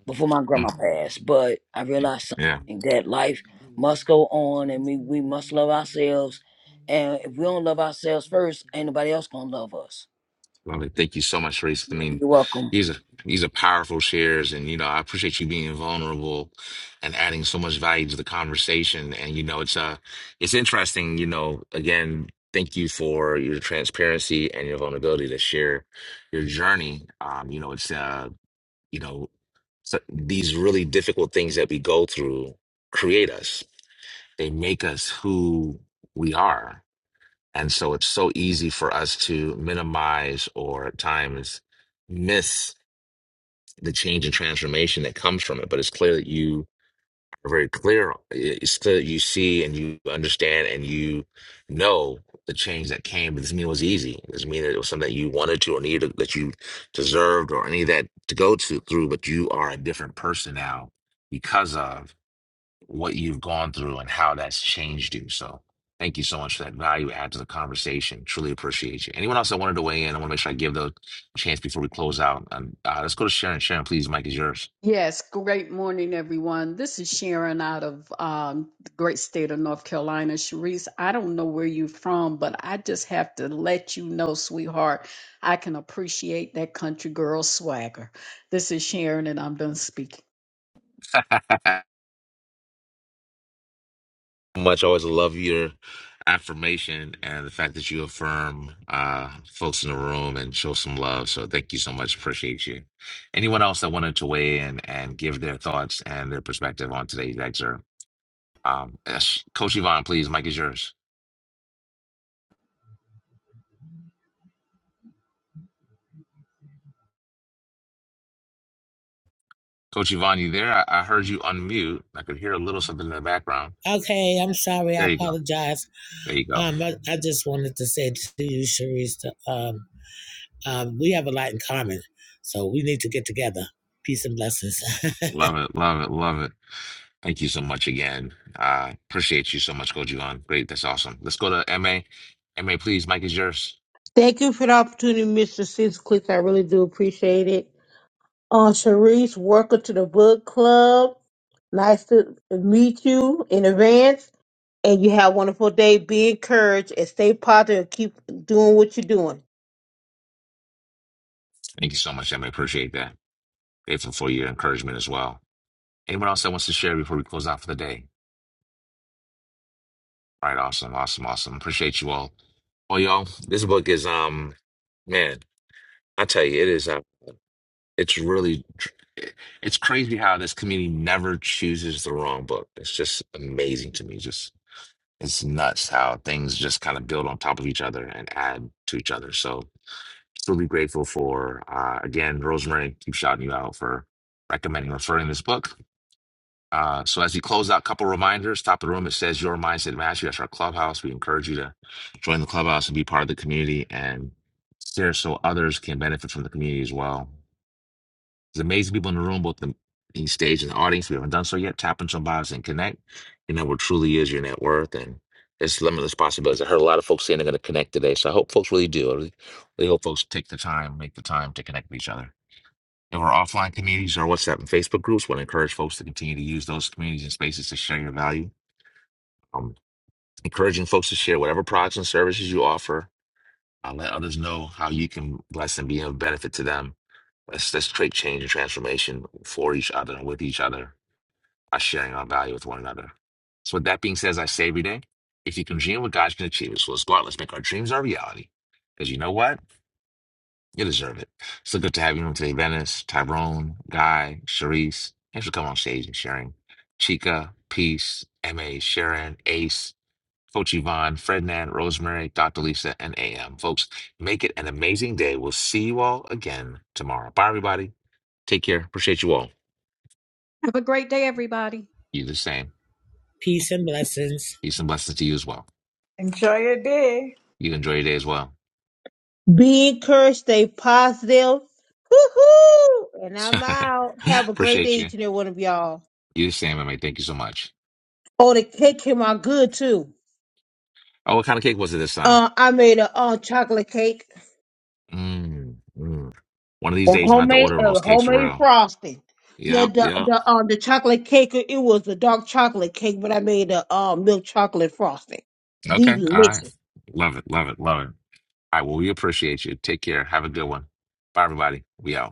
Speaker 12: before my grandma
Speaker 1: Mm.
Speaker 12: passed but i realized
Speaker 1: yeah
Speaker 12: something that life must go on and we we must love ourselves and if we don't love ourselves first ain't nobody else gonna love us
Speaker 1: Lovely. Thank you so much, Reese. I mean,
Speaker 12: you're welcome
Speaker 1: these are these are powerful shares, and you know, I appreciate you being vulnerable and adding so much value to the conversation. And you know, it's uh it's interesting, you know, again, thank you for your transparency and your vulnerability to share your journey. Um, you know, it's uh, you know, so these really difficult things that we go through create us they make us who we are. And so it's so easy for us to minimize or at times miss the change and transformation that comes from it. But it's clear that you are very clear. It's clear that you see and you understand and you know the change that came. But this mean it was easy. It doesn't mean that it was something that you wanted to or needed that you deserved or any of that to go to through, but you are a different person now because of what you've gone through and how that's changed you. So thank you so much for that value add to the conversation. Truly appreciate you. Anyone else that wanted to weigh in, I want to make sure I give the chance before we close out. And uh, let's go to Sharon. Sharon, please, Mike is yours.
Speaker 9: Yes, great morning, everyone. This is Sharon out of um, the great state of North Carolina. Sharice, I don't know where you're from, but I just have to let you know, sweetheart, I can appreciate that country girl swagger. This is Sharon, and I'm done speaking.
Speaker 1: much always love your affirmation and the fact that you affirm uh, folks in the room and show some love. So thank you so much. Appreciate you. Anyone else that wanted to weigh in and give their thoughts and their perspective on today's excerpt? Um, yes. Coach Yvonne, please, Mike is yours. Coach Yvonne, you there? I, I heard you unmute. I could hear a little something in the background.
Speaker 13: Okay, I'm sorry. I
Speaker 1: There you go.
Speaker 13: apologize.
Speaker 1: There you go.
Speaker 13: Um, I, I just wanted to say to you, Sharice, that, um, um, we have a lot in common, so we need to get together. Peace and blessings.
Speaker 1: Love it. Love it. Love it. Thank you so much again. Uh, appreciate you so much, Coach Yvonne. Great. That's awesome. Let's go to MA. MA, please. Mike is yours.
Speaker 2: Thank you for the opportunity, Mr. Cecil. Clicks. I really do appreciate it. Uh, Sharice, welcome to the book club. Nice to meet you in advance. and you have a wonderful day. Be encouraged and stay positive. Keep doing what you're doing.
Speaker 1: Thank you so much, MA. Appreciate that. Grateful for your encouragement as well. Anyone else that wants to share before we close out for the day? All right. Awesome. Awesome. Awesome. Appreciate you all. Well, y'all, this book is, um, man, I tell you, it is. uh, It's really, it's crazy how this community never chooses the wrong book. It's just amazing to me. Just it's nuts how things just kind of build on top of each other and add to each other. So, still be grateful for uh, again, Rosemary. Keep shouting you out for recommending referring this book. Uh, so as we close out, couple reminders. Top of the room, it says your mindset mastery. That's our clubhouse. We encourage you to join the clubhouse and be part of the community and share so others can benefit from the community as well. There's amazing people in the room, both the in stage and the audience. If you haven't done so yet, tap into some bios and connect. You know what truly is your net worth and it's limitless possibilities. I heard a lot of folks saying they're going to connect today, so I hope folks really do. I really, really hope folks take the time, make the time to connect with each other. And our offline communities, our WhatsApp and Facebook groups, want to encourage folks to continue to use those communities and spaces to share your value. Um, encouraging folks to share whatever products and services you offer. Uh, let others know how you can bless and be of benefit to them Let's let's create change and transformation for each other and with each other by sharing our value with one another. So with that being said, as I say every day, if you can dream what God can achieve So let's go out, let's make our dreams our reality. Because you know what? You deserve it. So good to have you on today, Venice, Tyrone, Guy, Sharice. Thanks for coming on stage and sharing. Chica, Peace, MA, Sharon, Ace, Coach Yvonne, Frednan, Rosemary, Dr. Lisa, and AM. Folks, make it an amazing day. We'll see you all again tomorrow. Bye, everybody. Take care. Appreciate you all.
Speaker 9: Have a great day, everybody.
Speaker 1: You the same.
Speaker 13: Peace and blessings.
Speaker 1: Peace and blessings to you as well.
Speaker 10: Enjoy your day.
Speaker 1: You enjoy your day as well.
Speaker 2: Be encouraged. Stay positive. Woohoo! And I'm out. Have a great
Speaker 1: Appreciate
Speaker 2: day,
Speaker 1: you.
Speaker 2: each and every one of y'all.
Speaker 1: You the same, I mean, thank you so much.
Speaker 2: Oh, the cake came out good too.
Speaker 1: Oh, what kind of cake was it this time?
Speaker 2: Uh, I made a uh, chocolate cake,
Speaker 1: Mm, mm. One of these
Speaker 2: a
Speaker 1: days, I'll have to
Speaker 2: homemade,
Speaker 1: order on
Speaker 2: a
Speaker 1: those cakes for
Speaker 2: homemade
Speaker 1: real.
Speaker 2: frosting. The
Speaker 1: Yep,
Speaker 2: the
Speaker 1: yep.
Speaker 2: the um the chocolate cake it was a dark chocolate cake, but I made a um milk chocolate frosting.
Speaker 1: Okay, all right.
Speaker 2: Delicious.
Speaker 1: Love it, love it, love it. All right, well, we appreciate you. Take care. Have a good one. Bye, everybody. We out.